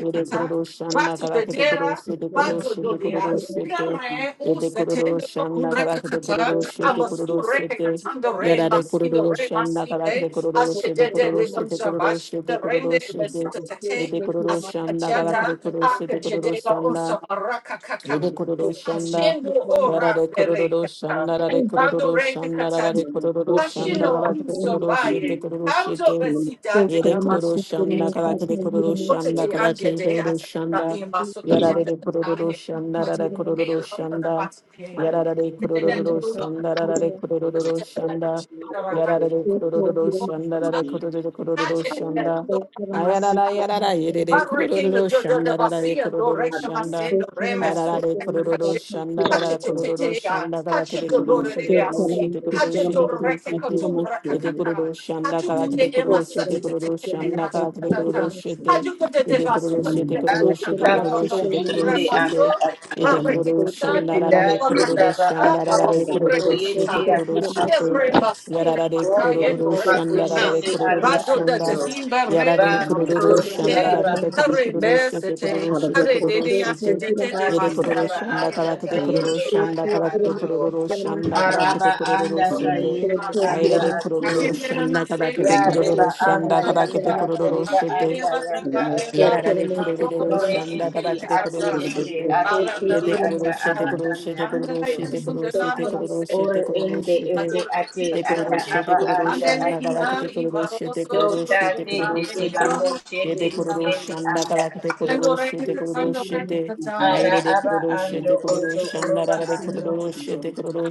Ede kororo shanda
to the
kabakete koro
dera,
shete koro
bazo
shete
dolia.
kororo shete.
Nare o
Ede kororo
setendo
shanda
kunreka
kabakete kororo shete
Amasu
kororo
reka
shete.
re
Yarare
masindo
kororo
re
shanda
masinde.
kabakete kororo
Ashe
shete
de de
kororo
de
shete
kamshamba.
kororo
Ashe
shete kororo
rende.
shete.
Besuta
Ede kororo shanda
Jada
kabakete kororo shete kororo
Akajedela
you.
shanda.
also Arakakaka.
Yede
Thank
kororo shanda.
Hashendo
Yara
ora
de kororo
berekata.
shanda. Yara de
Bando
kororo shanda. Yara
rekatata.
de kororo shanda.
Hashino
Yara de
unso
kororo shete
baye.
kororo
Hamzo
shete.
besida de
Yede kororo
amasuka
shanda.
kete.
Yara de kororo shanda.
Otete anje de asa imasuka
Yara
kete.
de kororo
Ate
shanda. Yara de
de
kororo
ahota da
shanda.
batike.
Yara de
Tete da
kororo
ndo loka.
shanda. Yara de kororo
Otete da
shanda.
ndo loka.
Yara de kororo shanda. Yara de kororo shanda. Yara de kororo
Otete da
shanda.
ndo
Ayara
loka.
yara yede
Barrekendo
kororo
do do do
shanda. Yara de
basiando
kororo shanda.
recamasendo remesura
Ararare kororo
recache.
shanda rara kororo
you.
Hachitetetea,
shanda kara
So
kete kororo
hachidodore
Solomon,
shete kororo shete
reasi,
Solomon,
kororo shete
Solomon,
kororo
hachidore
shete
Solomon,
kekatura
ete
Solomon,
kakaka,
kororo shanda kara kete
de
Solomon.
ema
So
kororo shete
Solomon,
kororo
Solomon,
shanda
satetetetea,
Solomon,
kara kete kororo
de
Solomon,
shete
hachutete
ete kororo
basuka
shete
Solomon.
kororo
tetetete
So
shete kororo
kakamamono,
shete
Solomon, Solomon,
kororo
kumre
Solomon,
shete
baso,
ete
Solomon.
kororo
So Solomon,
shanda
barreketatale,
Solomon,
rarare kororo
barrakata,
shanda rarare kororo
Solomon, Solomon, Solomon. Solomon, so
shete
abasure
kororo
Solomon, Solomon,
shete
Remba sura
yararare
Solomon, Solomon.
patayendo
kororo shanda
reka.
rarare kororo
Bado da
shanda
jahimba
yararare
reka te
So Solomon, Solomon, Solomon, so Solomon, Solomon, Solomon.
te
So
kororo
te
shanda
te.
Solomon,
rakate kete
Da
kete kororo
rembe se
shete kororo
te.
shete
Are de
kororo
de ya
shete
se
Solomon, Solomon,
te te te ba
Yere
si
Solomon.
kororo
te te
shanda kabakete kororo shanda kabakete kororo shanda kabakete
Araba
kororo
anda
Solomon,
shete.
sayende
so
anda
Aire de
Solomon,
kororo
Solomon.
ato.
shanda
Tell
kabakete
Ya
him
kororo
riba
myself, tell him
anda
shanda
myself, tell
yanda
kabakete
him
ate
kororo
myself.
riba
shete.
anda
Tell
yanda
him myself,
ato.
Yarara
tell
de
him myself, tell
kururu
him
Ore
shanda
myself.
ete
kada de
te.
ate
kururu
Tell him
ete
shende.
myself, tell
ate
him
Ye
ete
myself, tell
de
Baranda,
him myself.
kururu
ata
she de
aba
kururu she
anda
de kururu
ato.
she
Tell
de
him
kururu
myself, tell him myself, tell him myself.
she de
Ore
kururu
ende
she de kururu she de
ete
de
ate
Tell
ata
kururu
him
she
myself,
aba
de
tell him myself,
kururu
tell him
anda
Angele
shanda
ato.
kada
ina
de
myself.
kururu she de
ivaroso
Do
tu
kururu she
ta
de
Tell him
tsanta
myself, tell him myself, tell him myself. Tell him
tende
myself,
te
tell him myself. Tell him myself, tell
bako
endahu
ye
tende
de
ina
kururu
tugende
shanda
natsa.
anda
kada de
ato.
Endo
kururu she
rete
de kururu
tsando rete tsai.
Ara
aire de
aba
kururu she
ando
de kururu
oto
shanda
oroba
kada de
ando
kururu she
oto.
de kururu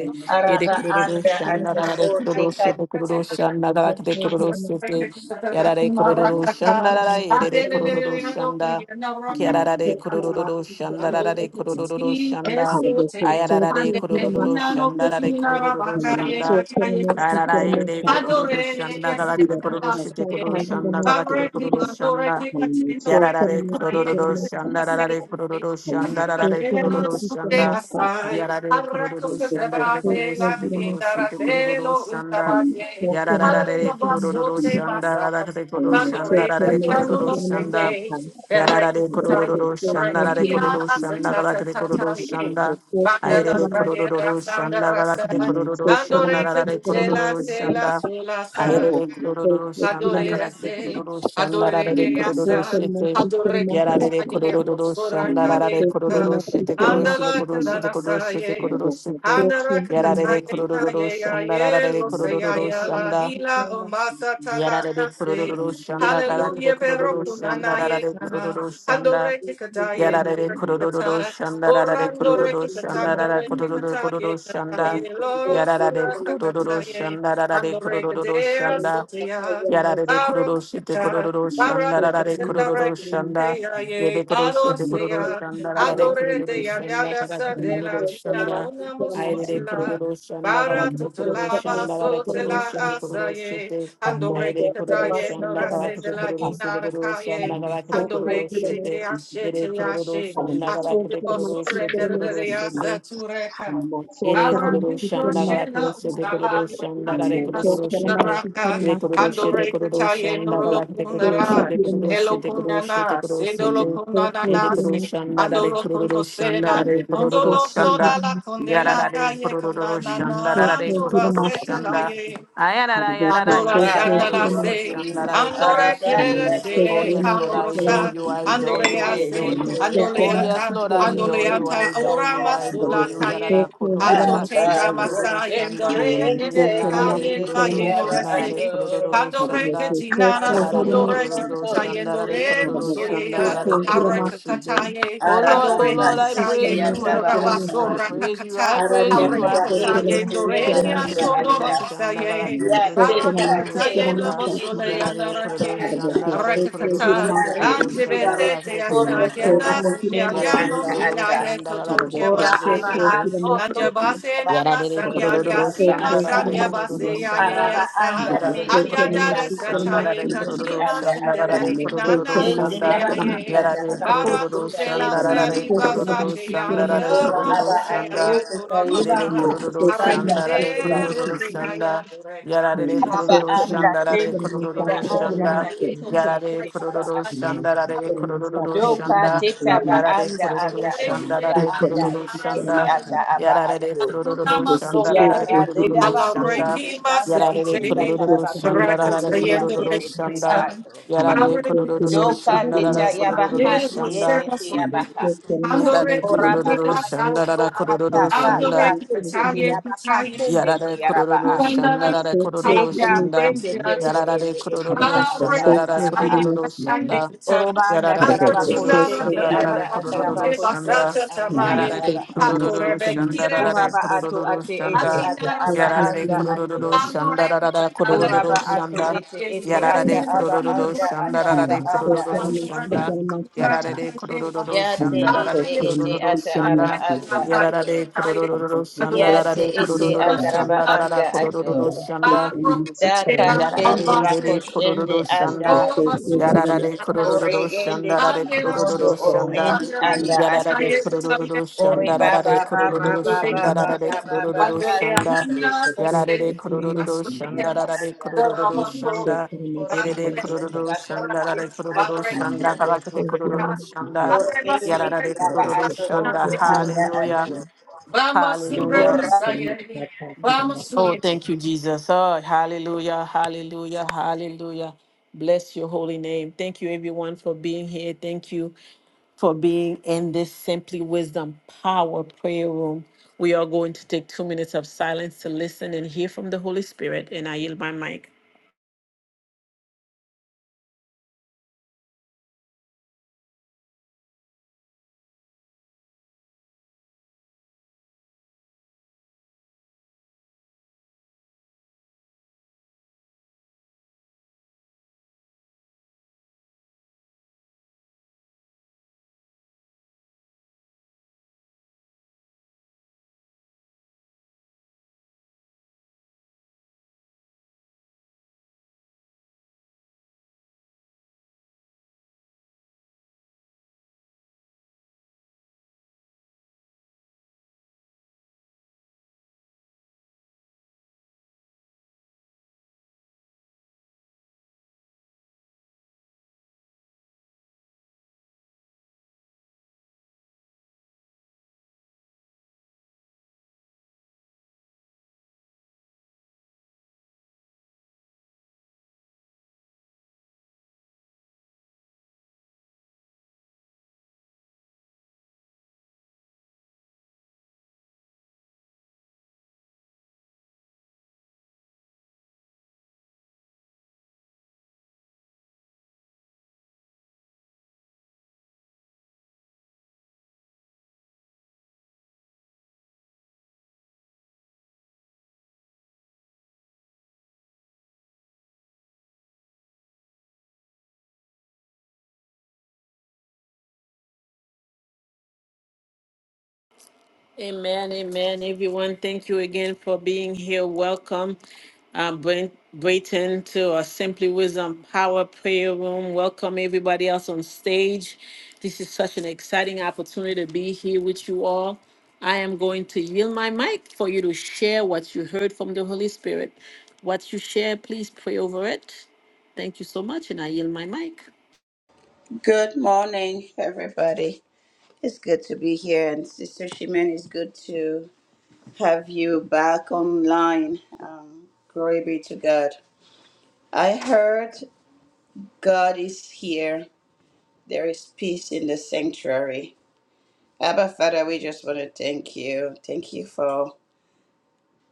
Endo
ye de
Araba
kururu
anda
shanda
ato
kada de kururu
o
she de
rete
kururu shanda kada de kururu
tsando
she
rete tsai.
Yarare kororo
Marakaka.
shanda rara yerere kororo
Adelele ando
shanda.
priyana rakaka.
Hallelujah.
Kiararare kororo shanda
Ando
rarare
rete
kororo shanda.
esote.
Ayararare
Angele
kororo
ina no
shanda rarare
kufina
kororo
rabaka
shanda.
ye
Ayarara yerere
Adore,
kororo shanda
yes,
galakete
and
kororo
also,
shite kororo
Barreti,
shanda galakete kororo shanda.
Andoreti, Cachinoreti,
Yararare
Maye,
kororo shanda
Hallelujah.
rarare
Cassidy,
kororo shanda rarare
Aradero,
kororo
Sude,
shanda.
Asai,
Yarare
Aracos,
kororo shanda galakete kororo
Bate, La
shite kororo shite kororo
Vindaratelo,
shanda.
Utabate,
Yarararare
Alalabaso,
kororo
Se
shanda
Masa,
rarare kororo shanda
Mandore,
rarare
and Yano,
kororo
no
shanda
Sende, Ereki,
yararare
Tayo,
kororo shanda rarare
Regia,
kororo shanda
Asachata,
rarare
I'm
kororo
Tataye.
shanda aire
Bandela
de
Pradera
kororo shanda
Sandra
rarare
San
kororo shanda
Andore
rarare
Ketela
kororo
Sela
shanda
Sula
aire
San
de kororo shanda
Adore
rarare
ese,
kororo shanda
adore
rarare
de
kororo
asa,
shete
adore que
yarare de
cantaye,
kororo
rosora
shanda rarare
cadena,
kororo shete kororo shete
andala
kororo shete
candana
kororo shete
saye,
kororo shete
andara que
Yarare
cantaye,
kororo
aye,
shanda,
aye,
yarare
lo se aye,
kororo
la
shanda.
hila o masa tala
Yarara de
ase,
kururu shanda galaki de
hallelujah, pero
kururu shanda rara
kunanaye,
de
kana,
kururu shanda
andore que cantaye,
yarara de
adore que
kururu
cantaye,
shanda rara de
orando re
kururu
que
shanda rara
cantandore que
kururu kururu
cantaye,
shanda
cantaye, loro
yarara de
sura
kururu
cantaye,
shanda rara de
andore que
Hallelujah.
kururu
dea
shanda
sotea.
yarara de kururu shite
Barokata,
kururu shanda rara de
barakatenda
kururu shanda yede
rakiteyaye,
kuru shite kururu
adoseya,
shanda rara de kururu
adoreteya,
shanda
nyada
galaki de
sandela,
kururu shanda
hinanona
ayere de
musutila,
kururu shanda galaki de kururu
baratutula,
shanda rara de kururu
basotela,
shite kururu
asaye,
shite Aire kororo
andorekitaye,
shanda galakete
norasendela,
kororo sede kororo
inarakaye,
shanda galakete kororo
andorekatete,
shete.
ashete,
Yere kororo
yashe,
shanda galakete
atubilo,
kororo shete kororo
surrenderere,
shete
asatureka,
ere kororo
barakito,
shanda gala
shela,
korose de kororo
ustalani,
shanda la
Atina
kororo shete.
Sundaraka.
Le kororo shete
Andore
kororo
Kataye
shanda gala de kororo
Nolokunara,
shete kororo shete kororo shete
Elokunana,
kororo
Hallelujah.
shete. Yere kororo
Sendolokunanase,
shanda la
Andolo
kororo shanda la
Kunosela,
kororo
Andolo
shanda.
Sola la
Yara
Condela
la
Kaye
kororo
Kanana,
shanda la
Anjuba
kororo shanda.
Setelaye,
Ayara la yara la
Andora
ere
sandala
kororo
se,
shanda
Bahatuati,
la kororo
andora
shete.
kirere
Aradanda
Oh
sele,
yes, Lord, I adore
Toyati,
hamborosa,
you, I adore you, I
andorea
Rende
adore
se,
you. Oh
Nitoyaba,
yes,
andoleanta,
Lord, I adore you,
Rende
I
andoleanta,
adore
ora
Yanda
you, I adore
masula
you.
Atu,
kaye,
Yarara kurota
achote
tashite
Abba
kururu
damasa
Kusendi,
shanda.
yendore es
Ende
Yanara de
kaye
Kende
kururu
kaye
Toyaba
shanda de
norese,
Atu,
kururu
pandore
shanda.
ketinana
Yarara de
Aratu
sondore
kururu
Kotom
shanda de
kekatayendore
Toyende
kururu
musoyean,
shanda
Yanda
de
Atu,
kururu
areka
shite.
kataye,
Oh Lord,
Araba
oh
andore
Lord, I praise
kekataye,
Kasiti
you, I
kutura
Ataba
praise you,
Ata,
I
rabasora
praise you, I
kakata,
Thank
praise
Aranda
you,
you.
areka
I
Taba
praise
Ende
you.
kataye, ndore
Toyende
Yarara
nina
Anda
shite
sondoro
kururu
ati.
shanda
kataye,
galakite
Ya
kururu shite
Teta
kururu
Barakataye
Teti
shanda.
Toyete
Labosole and
Yarara de
Yaba
kururu
Arake,
Ata,
shanda de kururu
Arakatata,
shite kururu
Yarende
shanda
kidaro
Anzibesete
galakite kururu
tutondo torobo
shanda.
Asayana,
koshende
Yarare
Sinyadiano,
anda
kororo
ata.
Sinyaye
shanda la kete
Kotoche
Ora
kororo
aba
Baseka,
shete.
ato toto
Anjabase Nama
Yarare
tabakande
Sanya
yende
kororo
anda
Yasima
shanda la
ata.
la
Sanya
kororo
Base
shanda.
Araba anda
Yasa,
Yarare
tete enda
Anjadara
kororo shanda
koshiti
Sataye
yende
Katina,
anda
la
ata.
Sendele
la kororo
Inana
Yende
shanda
yaba anda
Musiaye.
taraba
Bara tu
kuskuta
de la
yende yanda
serimba
ata.
satea,
la la
Ora
yero
kororo
aba
sutea,
ato
shanda.
kuta
yatora
yiba
Yarare
kofi
kororo
sanda
shanda la la kororo shanda la
Arrekete,
la
kayiba tu.
kororo
rukiyaya,
shanda.
nurekan.
Yarare
Hallelujah.
Araba
Arrekete,
kororo
anda
shanda la la kororo shanda. Yarare kororo shanda la la
tete kideba
kororo
anda
shanda.
arrekete,
tayitete
Yarare
yende aba
kororo
ato.
arrekete.
shanda la la kororo
Doka
shanda.
teta
Well,
ba
I'm just
Yarare
anda
kururu
anda
excited.
eti
shanda
ba
rare
anda
kururu
eti
shanda.
eti ata aba
Yarare
atu.
kururu shanda
Ya
rare
Akunamasonge,
radeda
kururu
ba ko
shanda.
so
alareki
sanda
Yarare
yenda
masekite,
kururu
tarabako
shanda
ko
rare
rakata
so
yendo
kururu
sayende tiriba
rekata,
shanda.
atu.
Yarare kururu
barekita,
Doka
shanda rare
teta ya ba
kururu
handi
ezo
shanda.
yende
sema
te ya ba
songe,
ha.
ando
Yarare
Oraba
kururu
rekita
shanda
ato
rare
to
satya,
kururu
kata
ando
shanda.
kata
rekita
tete te
talia
ya ba ka
kitalia,
sende te
Yarare
ya raba
kurururu
a.
kitalia,
shandarare kurururu
Deka
kitalia,
shanda.
sende tiribe
kitalia,
Yarare
ende
Barro,
etiriba
kurururu
anda
shandarare
ataraba a.
kurururu shanda.
Oroba anda
Thank
Yarare
tarabako
kurururu
shende
you.
shandarare
anda
kurururu
atarabako
shanda.
shende anda
Yarare
atarabaha.
kurururu shandarare
Oraba ato
kurururu
ate ete
shanda.
ata aba
Yarare
anda ato.
kurururu shandarare
Oraba
kurururu
ato
shanda.
ete ete ata
Yarare
aba
kurururu
anda ataraba
shandarare
anda
kurururu
ato.
shanda. Yarare kurururu
Ya te
shandarare
ete ete
kurururu
ata aba
shanda.
anda ato.
Yararade kororororo shanda
Ya te
rarade
ete
kororororo shanda
ataraba
rarada
anda
kororororo
ato.
shanda
Tela,
Daka shende
yararade
bako
dede
shende
kororororo
anda
shanda
Vamos,
ato.
yararade
Ore
kororororo
ende
shanda
te
rarade
bakondo
kororororo
oro
shanda
ende anda
yararade
ato.
kororororo
Ore
shanda
ba
rarade
ba ba ba
kororororo
ba ba
shanda
ba
rarade
ba ba ba
kororororo
ka se
shanda
se se
Thank
se
yararade
se
kororororo
se se ya
shanda
ba
rarade
anda ate.
kororororo shanda
Ore
yerede
se se se
kororororo
ba ko
shanda
se
rarade
se anda
kororororo shanda
ate.
karakade kororororo shanda
Ore se se
yararade
se ya ba
kororororo
ato
shanda
oto anda
hallelujah
ate.
Hallelujah.
Ora.
vamos
Oh,
you.
thank you, Jesus. Oh, hallelujah, hallelujah, hallelujah. Bless your holy name. Thank you, everyone, for being here. Thank you for being in this Simply Wisdom Power Prayer Room. We are going to take two minutes of silence to listen and hear from the Holy Spirit. And I yield my mic. Amen, amen. Everyone, thank you again for being here. Welcome, um, Bray- Brayton, to our Simply Wisdom Power Prayer Room. Welcome everybody else on stage. This is such an exciting opportunity to be here with you all. I am going to yield my mic for you to share what you heard from the Holy Spirit. What you share, please pray over it. Thank you so much, and I yield my mic.
Good morning, everybody. It's good to be here, and Sister Shimen, it's good to have you back online. Um, glory be to God. I heard God is here There is peace in the sanctuary. Abba, Father, we just want to thank you. Thank you for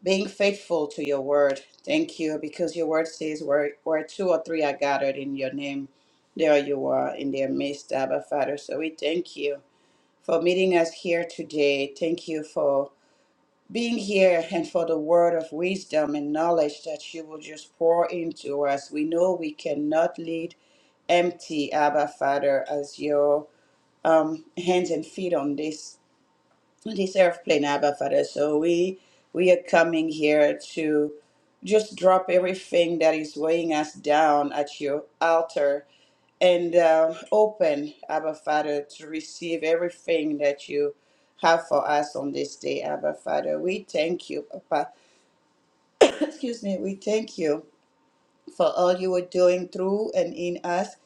being faithful to your word. Thank you because your word says where, where two or three are gathered in your name, there you are in their midst, Abba, Father. So we thank you for meeting us here today. Thank you for being here and for the word of wisdom and knowledge that you will just pour into us. We know we cannot lead empty, Abba, Father, as your um, hands and feet on this on this airplane, Abba Father. So we we are coming here to just drop everything that is weighing us down at your altar and uh, open, Abba Father, to receive everything that you have for us on this day, Abba Father. We thank you, Papa. Excuse me. We thank you for all you are doing through and in us.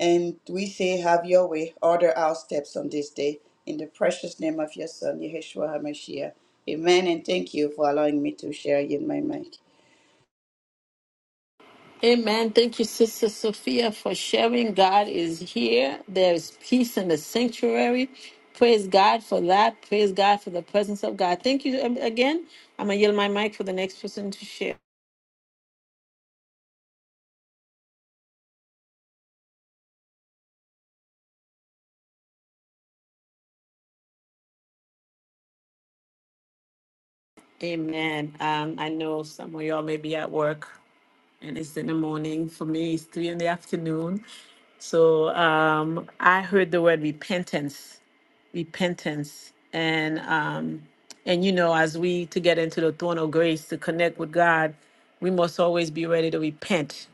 And we say, Have your way. Order our steps on this day. In the precious name of your Son, Yeshua HaMashiach. Amen. And thank you for allowing me to share in my mic.
Amen. Thank you, Sister Sophia, for sharing. God is here. There is peace in the sanctuary. Praise God for that. Praise God for the presence of God. Thank you um, again. I'm going to yield my mic for the next person to share. Amen. Um, I know some of y'all may be at work and it's in the morning. For me, it's three in the afternoon. So um, I heard the word repentance repentance and um and you know as we to get into the throne of grace to connect with god we must always be ready to repent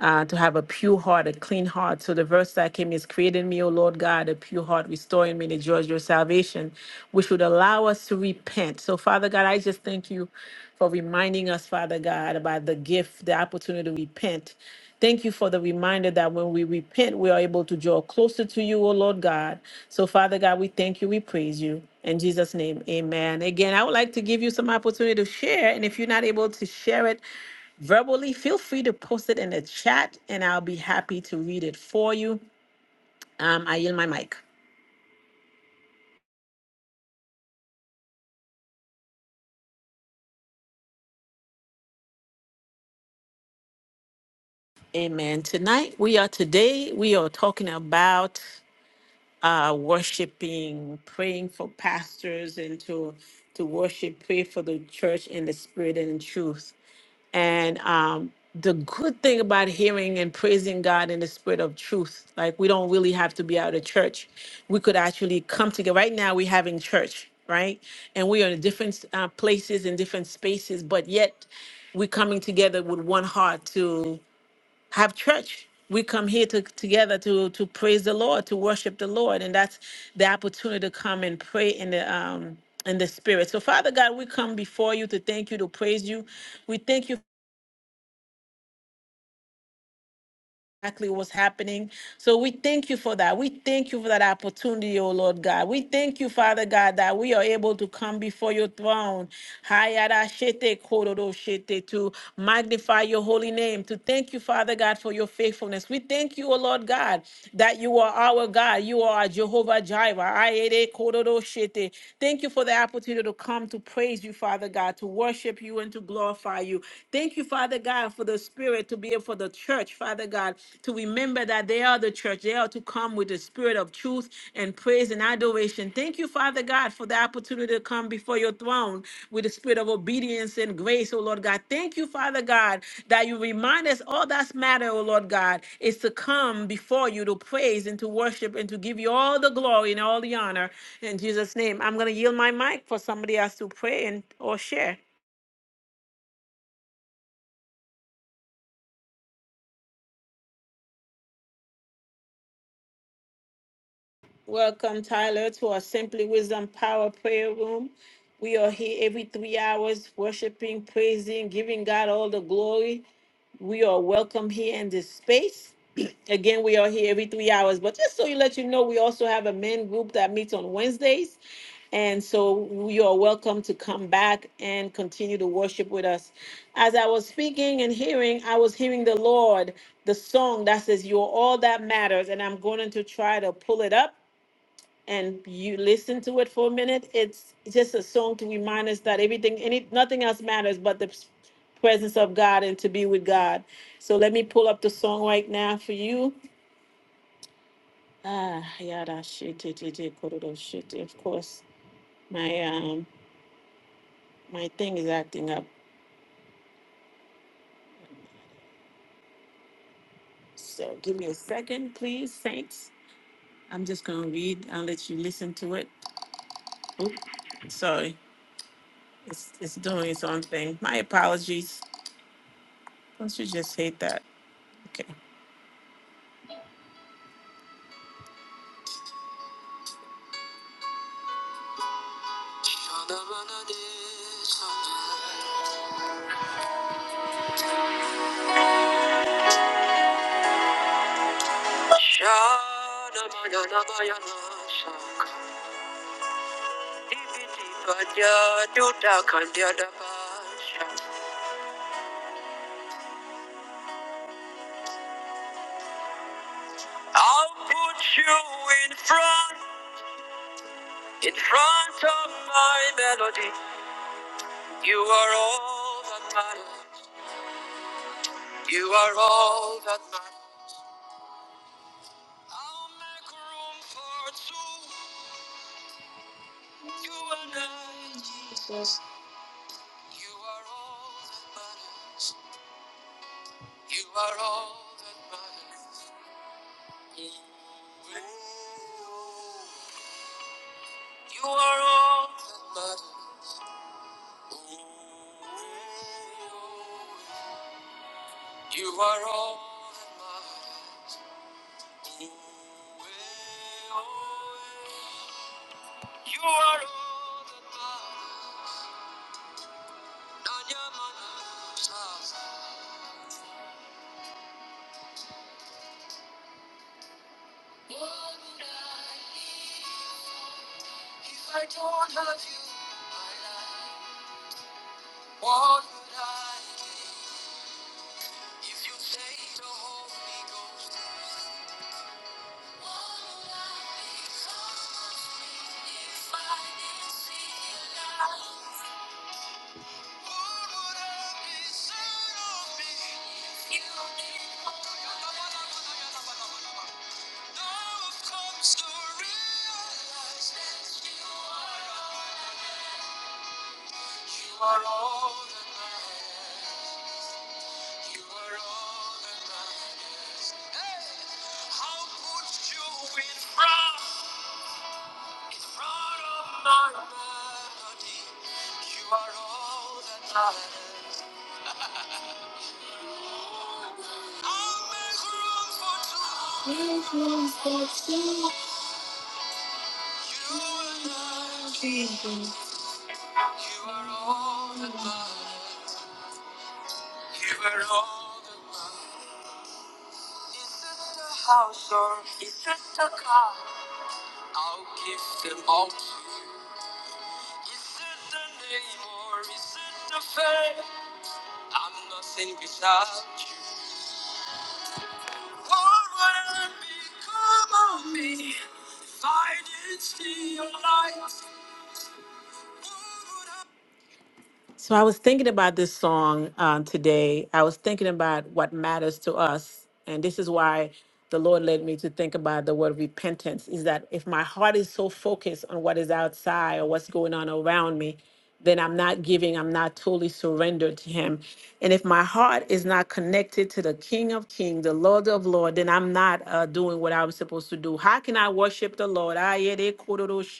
uh, to have a pure heart, a clean heart. So the verse that came is, Create in me, O Lord God, a pure heart, restore in me the joy of your salvation, which would allow us to repent. So, Father God, I just thank you for reminding us, Father God, about the gift, the opportunity to repent. Thank you for the reminder that when we repent, we are able to draw closer to you, O Lord God. So, Father God, we thank you, we praise you. In Jesus' name, amen. Again, I would like to give you some opportunity to share. And if you're not able to share it, verbally, feel free to post it in the chat and I'll be happy to read it for you. Um, I yield my mic. Amen. Tonight, we are today, we are talking about uh, worshiping, praying for pastors, and to to worship, pray for the church in the spirit and in truth. And um, the good thing about hearing and praising God in the spirit of truth, like we don't really have to be out of church. We could actually come together. Right now, we're having church, right? And we are in different uh, places in different spaces, but yet we're coming together with one heart have church. We come here to together to to praise the Lord, to worship the Lord, and that's the opportunity to come and pray in the um in the spirit. So Father God, we come before you to thank you, to praise you. We thank you exactly what's happening. So we thank you for that. We thank you for that opportunity, oh Lord God. We thank you, Father God, that we are able to come before your throne. Hayarashete kororoshete, To magnify your holy name, to thank you, Father God, for your faithfulness. We thank you, oh Lord God, that you are our God. You are our Jehovah Jireh. Ayere kororoshete. Thank you for the opportunity to come to praise you, Father God, to worship you and to glorify you. Thank you, Father God. God, for the Spirit to be for the church, Father God, to remember that they are the church. They are to come with the Spirit of truth and praise and adoration. Thank you, Father God, for the opportunity to come before your throne with the Spirit of obedience and grace, oh Lord God. Thank you, Father God, that you remind us all that's matter, oh Lord God, is to come before you to praise and to worship and to give you all the glory and all the honor. In Jesus' name, I'm going to yield my mic for somebody else to pray and or share. Welcome, Tyler, to our Simply Wisdom Power Prayer Room. We are here every three hours, worshiping, praising, giving God all the glory. We are welcome here in this space. Again, we are here every three hours. But just so you let you know, we also have a men group that meets on Wednesdays. And so you are welcome to come back and continue to worship with us. As I was speaking and hearing, I was hearing the Lord, the song that says, You're all that matters. And I'm going to try to pull it up and you listen to it for a minute, it's just a song to remind us that everything, any, nothing else matters but the presence of God and to be with God. So let me pull up the song right now for you. Ah, yada shit, it, it, it, kododo shit. Of course, my um, my thing is acting up. So give me a second, please, saints. I'm just gonna read. I'll let you listen to it. Oop, sorry, it's it's doing its own thing. My apologies. Don't you just hate that? Okay. I'll make room for two. Make room for two. You and I. So I was thinking about this song um, today. I was thinking about what matters to us, and this is why the Lord led me to think about the word repentance. Is that if my heart is so focused on what is outside or what's going on around me, then I'm not giving. I'm not totally surrendered to Him. And if my heart is not connected to the King of Kings, the Lord of Lords, then I'm not uh, doing what I was supposed to do. How can I worship the Lord?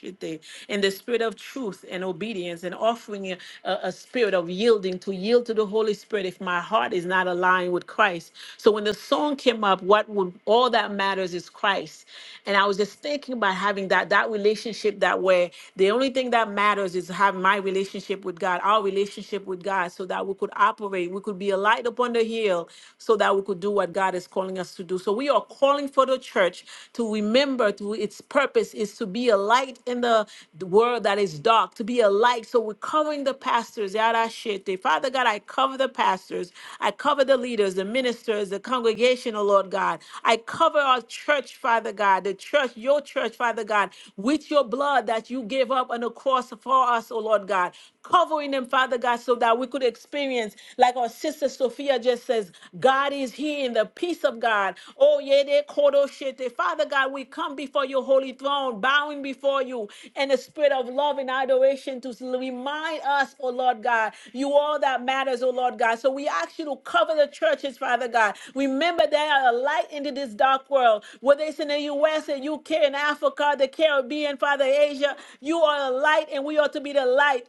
Shite, in the spirit of truth and obedience and offering a, a- spirit of yielding to yield to the Holy Spirit if my heart is not aligned with Christ. So when the song came up, what would all that matters is Christ. And I was just thinking about having that that relationship that where the only thing that matters is have my relationship with God, our relationship with God, so that we could operate, we could be a light upon the hill, so that we could do what God is calling us to do. So we are calling calling for the church to remember to its purpose is to be a light in the the world that is dark, to be a light. So we're covering the pastors. Yarashete. Father God, I cover the pastors. I cover the leaders, the ministers, the congregation, oh Lord God. I cover our church, Father God, the church, your church, Father God, with your blood that you gave up on the cross for us, oh Lord God. Covering them, Father God, so that we could experience, like our sisters Sophia just says, God is here in the peace of God. Oh, yeah, they kodo shete. Father God, we come before your holy throne, bowing before you in the spirit of love and adoration to remind us, oh Lord God, you all that matters, oh Lord God. So we ask you to cover the churches, Father God. Remember they are a light into this dark world, whether it's in the U.S. and U.K. and Africa, the Caribbean, Father Asia, you are a light and we ought to be the light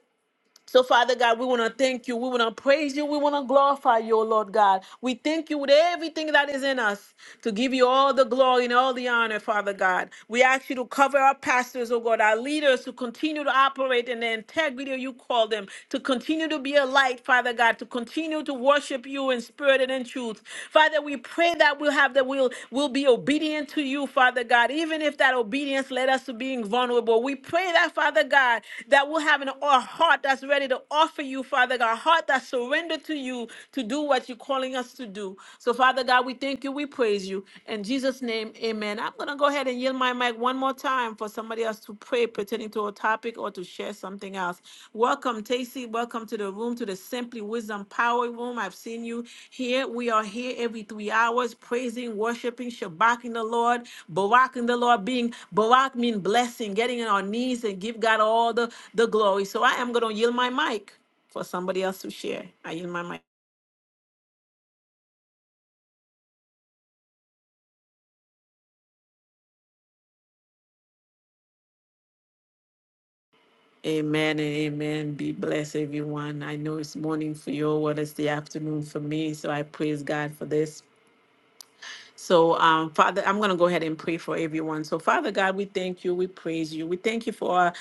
so, Father God, we want to thank you. We want to praise you. We want to glorify you, O Lord God. We thank you with everything that is in us to give you all the glory and all the honor, Father God. We ask you to cover our pastors, O God, our leaders to continue to operate in the integrity you call them, to continue to be a light, Father God, to continue to worship you in spirit and in truth. Father, we pray pray that we'll have that we'll we will be obedient to you, Father God, even if that obedience led us to being vulnerable. We pray that, Father God, that we'll have an, a heart that's ready to offer you, Father God, a heart that's surrendered to you to do what you're calling us to do. So, Father God, we thank you, we praise you. In Jesus' name, amen. I'm going to go ahead and yield my mic one more time for somebody else to pray, pertaining to a topic or to share something else. Welcome, Tacy. Welcome to the room, to the Simply Wisdom Power Room. I've seen you here. We are here every three hours, praising, worshiping, shabaking the Lord, baraking the Lord, being barak means blessing, getting on our knees and give God all the, the glory. So I am gonna yield my mic for somebody else to share. I yield my mic. Amen and amen. Be blessed, everyone. I know it's morning for you, what is the afternoon for me. So I praise God for this. So, um, Father, I'm going to go ahead and pray for everyone. So, Father God, we thank you. We praise you. We thank you for our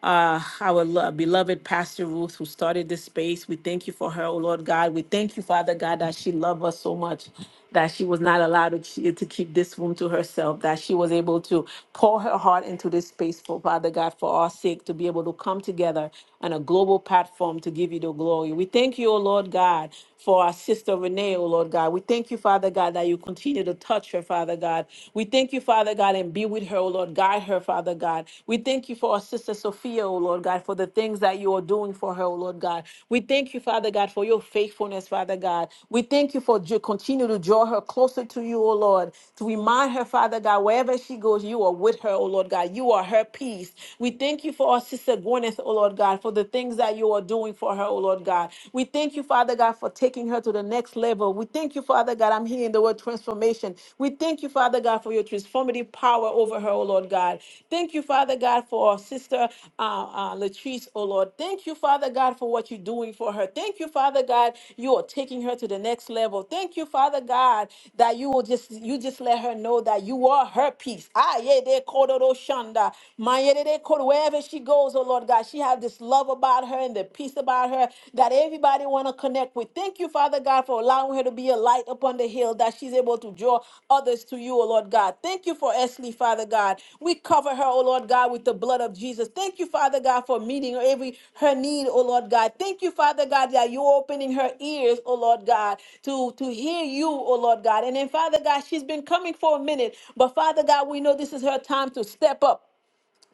uh, our lo- beloved Pastor Ruth, who started this space. We thank you for her, oh Lord God. We thank you, Father God, that she loved us so much that she was not allowed to, to keep this room to herself, that she was able to pour her heart into this space for Father God, for our sake, to be able to come together on a global platform to give you the glory. We thank you, oh Lord God, for our sister. Sister Renee, oh Lord God. We thank you, Father God, that you continue to touch her, Father God. We thank you, Father God, and be with her, oh Lord. Guide her, Father God. We thank you for our Sister Sophia, oh Lord God, for the things that you are doing for her, oh Lord God. We thank you, Father God, for your faithfulness, Father God. We thank you for ju- continue to draw her closer to you, oh Lord, to remind her, Father God, wherever she goes, you are with her, oh Lord God. You are her peace. We thank you for our Sister Gwyneth, oh Lord God, for the things that you are doing for her, oh Lord Lord God. We thank you, Father God, for taking her to the next level. We thank you, Father God. I'm hearing the word transformation. We thank you, Father God, for your transformative power over her, oh Lord God. Thank you, Father God, for our sister uh, uh, Latrice, oh Lord. Thank you, Father God, for what you're doing for her. Thank you, Father God, you are taking her to the next level. Thank you, Father God, that you will just you just let her know that you are her peace. Ah, yeah, they call it Oshanda. Wherever she goes, oh Lord God. God. She have this love about her and the peace about her that everybody want to connect with. Thank you, Father God, for allowing her to be a light upon the hill that she's able to draw others to you, O Lord God. Thank you for Esley, Father God. We cover her, O Lord God, with the blood of Jesus. Thank you, Father God, for meeting every her need, O Lord God. Thank you, Father God, that you're opening her ears, O Lord God, to, to hear you, O Lord God. And then, Father God, she's been coming for a minute, but Father God, we know this is her time to step up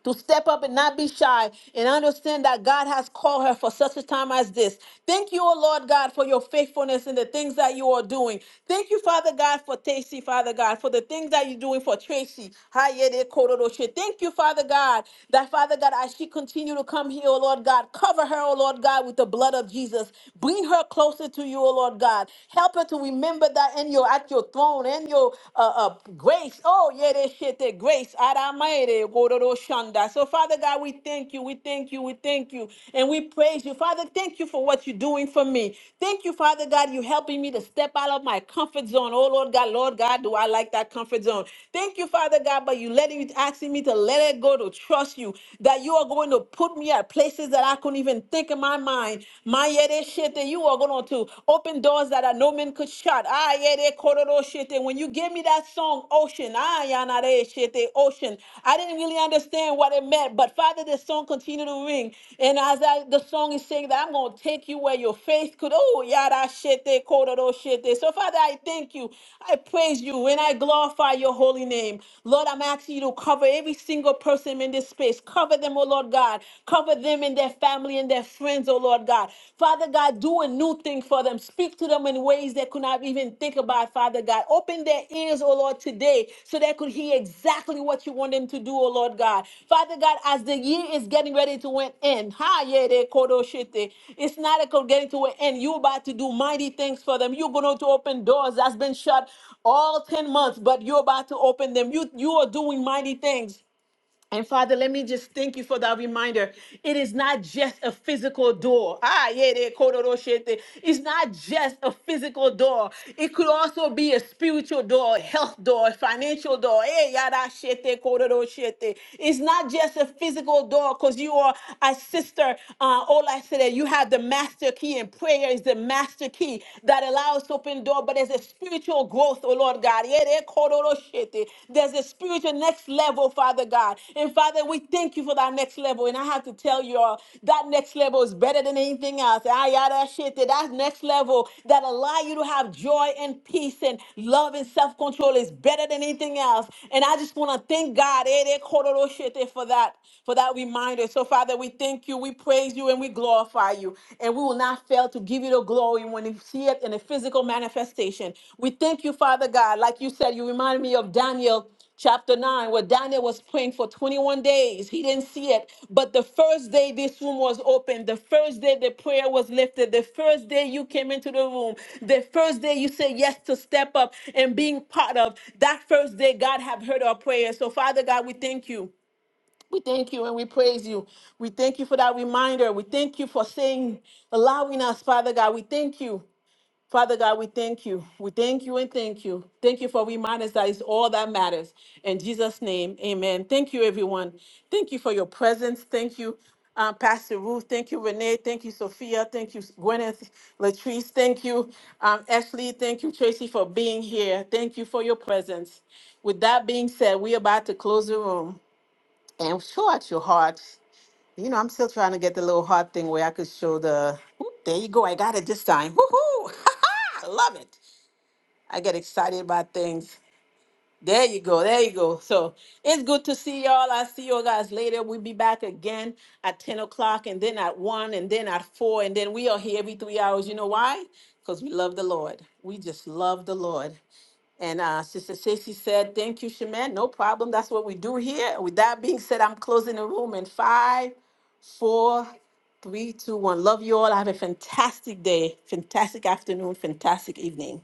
to step up and not be shy and understand that God has called her for such a time as this. Thank you, O Lord God, for your faithfulness and the things that you are doing. Thank you, Father God, for Tracy. Father God, for the things that you're doing for Tracy. Hayede Kororoshe. Thank you, Father God, that Father God, as she continue to come here, O Lord God, cover her, O Lord God, with the blood of Jesus. Bring her closer to you, O Lord God. Help her to remember that in your at your throne, in your uh, uh, up. Grace. Oh, yeah, that shit, that grace. Adamaere, gororo shanda. So, Father God, we thank you. We thank you. We thank you. And we praise you. Father, thank you for what you're doing for me. Thank you, Father God, you helping me to step out of my comfort zone. Oh, Lord God, Lord God, do I like that comfort zone? Thank you, Father God, but you letting you asking me to let it go, to trust you, that you are going to put me at places that I couldn't even think in my mind. My yeah, that shit, that you are going to open doors open doors that I no man could shut. Ah, yeah, they kororo shete. When you gave me that song, Ocean, ah, yeah, na de shete, Ocean, I didn't really understand what it meant. But Father, this song continued to ring. And as I, the song is saying that I'm going to take you where your faith could, oh, yada shete, kororo shete. So Father, I thank you. I praise you and I glorify your holy name. Lord, I'm asking you to cover every single person in this space. Cover them, oh Lord God. Cover them in their families family and their friends, oh Lord God. Father God, do a new thing for them. Speak to them in ways they could not even think about, Father God. Open their ears, oh Lord, today so they could hear exactly what you want them to do, oh Lord God. Father God, as the year is getting ready to an end, ha, yeah, they kodo shite. It's not a getting to an end. You're about to do mighty things for them. You're going to open doors that's been shut all 10 months, but you're about to open them. You, you are doing mighty things. And Father, let me just thank you for that reminder. It is not just a physical door. Ah, yeah, they kororo shete. It's not just a physical door. It could also be a spiritual door, health door, financial door. Eh, yada shete, kororo shete. It's not just a physical door because you are a sister. Uh, all I said that you have the master key, and prayer is the master key that allows open door. But there's a spiritual growth growth, oh Lord God. Yere kororo shete. There's a spiritual next level, Father God. And Father, we thank you for that next level. And I have to tell you all, that next level is better than anything else. Ayara shete. That next level that allow you to have joy and peace and love and self-control is better than anything else. And I just want to thank God Ere kororo shete, for that, for that reminder. So Father, we thank you, we praise you, and we glorify you and we will not fail to give you the glory when we see it in a physical manifestation. We thank you, Father God. Like you said, you remind me of Daniel chapter 9, where Daniel was praying for 21 days. He didn't see it. But the first day this room was opened, the first day the prayer was lifted, the first day you came into the room, the first day you said yes to step up and being part of, that first day, God have heard our prayers. So, Father God, we thank you. We thank you and we praise you. We thank you for that reminder. We thank you for saying, allowing us, Father God. We thank you. Father God, we thank you. We thank you and thank you. Thank you for reminding us that it's all that matters. In Jesus' name, amen. Thank you, everyone. Thank you for your presence. Thank you, uh, Pastor Ruth. Thank you, Renee. Thank you, Sophia. Thank you, Gwyneth, Latrice. Thank you, um, Ashley. Thank you, Tracy, for being here. Thank you for your presence. With that being said, we're about to close the room. And I'm sure at your heart, you know, I'm still trying to get the little heart thing where I could show the, Oop, there you go, I got it this time. Woohoo! I love it. I get excited about things. There you go, there you go. So it's good to see y'all. I'll see you guys later. We'll be back again at 10 o'clock and then at 1 and then at 4. And then we are here every three hours. You know why? Because we love the Lord. We just love the Lord. And uh, Sister Stacy said, Thank you, Shaman. No problem. That's what we do here. With that being said, I'm closing the room in five, four, three, two, one. Love you all. Have a fantastic day, fantastic afternoon, fantastic evening.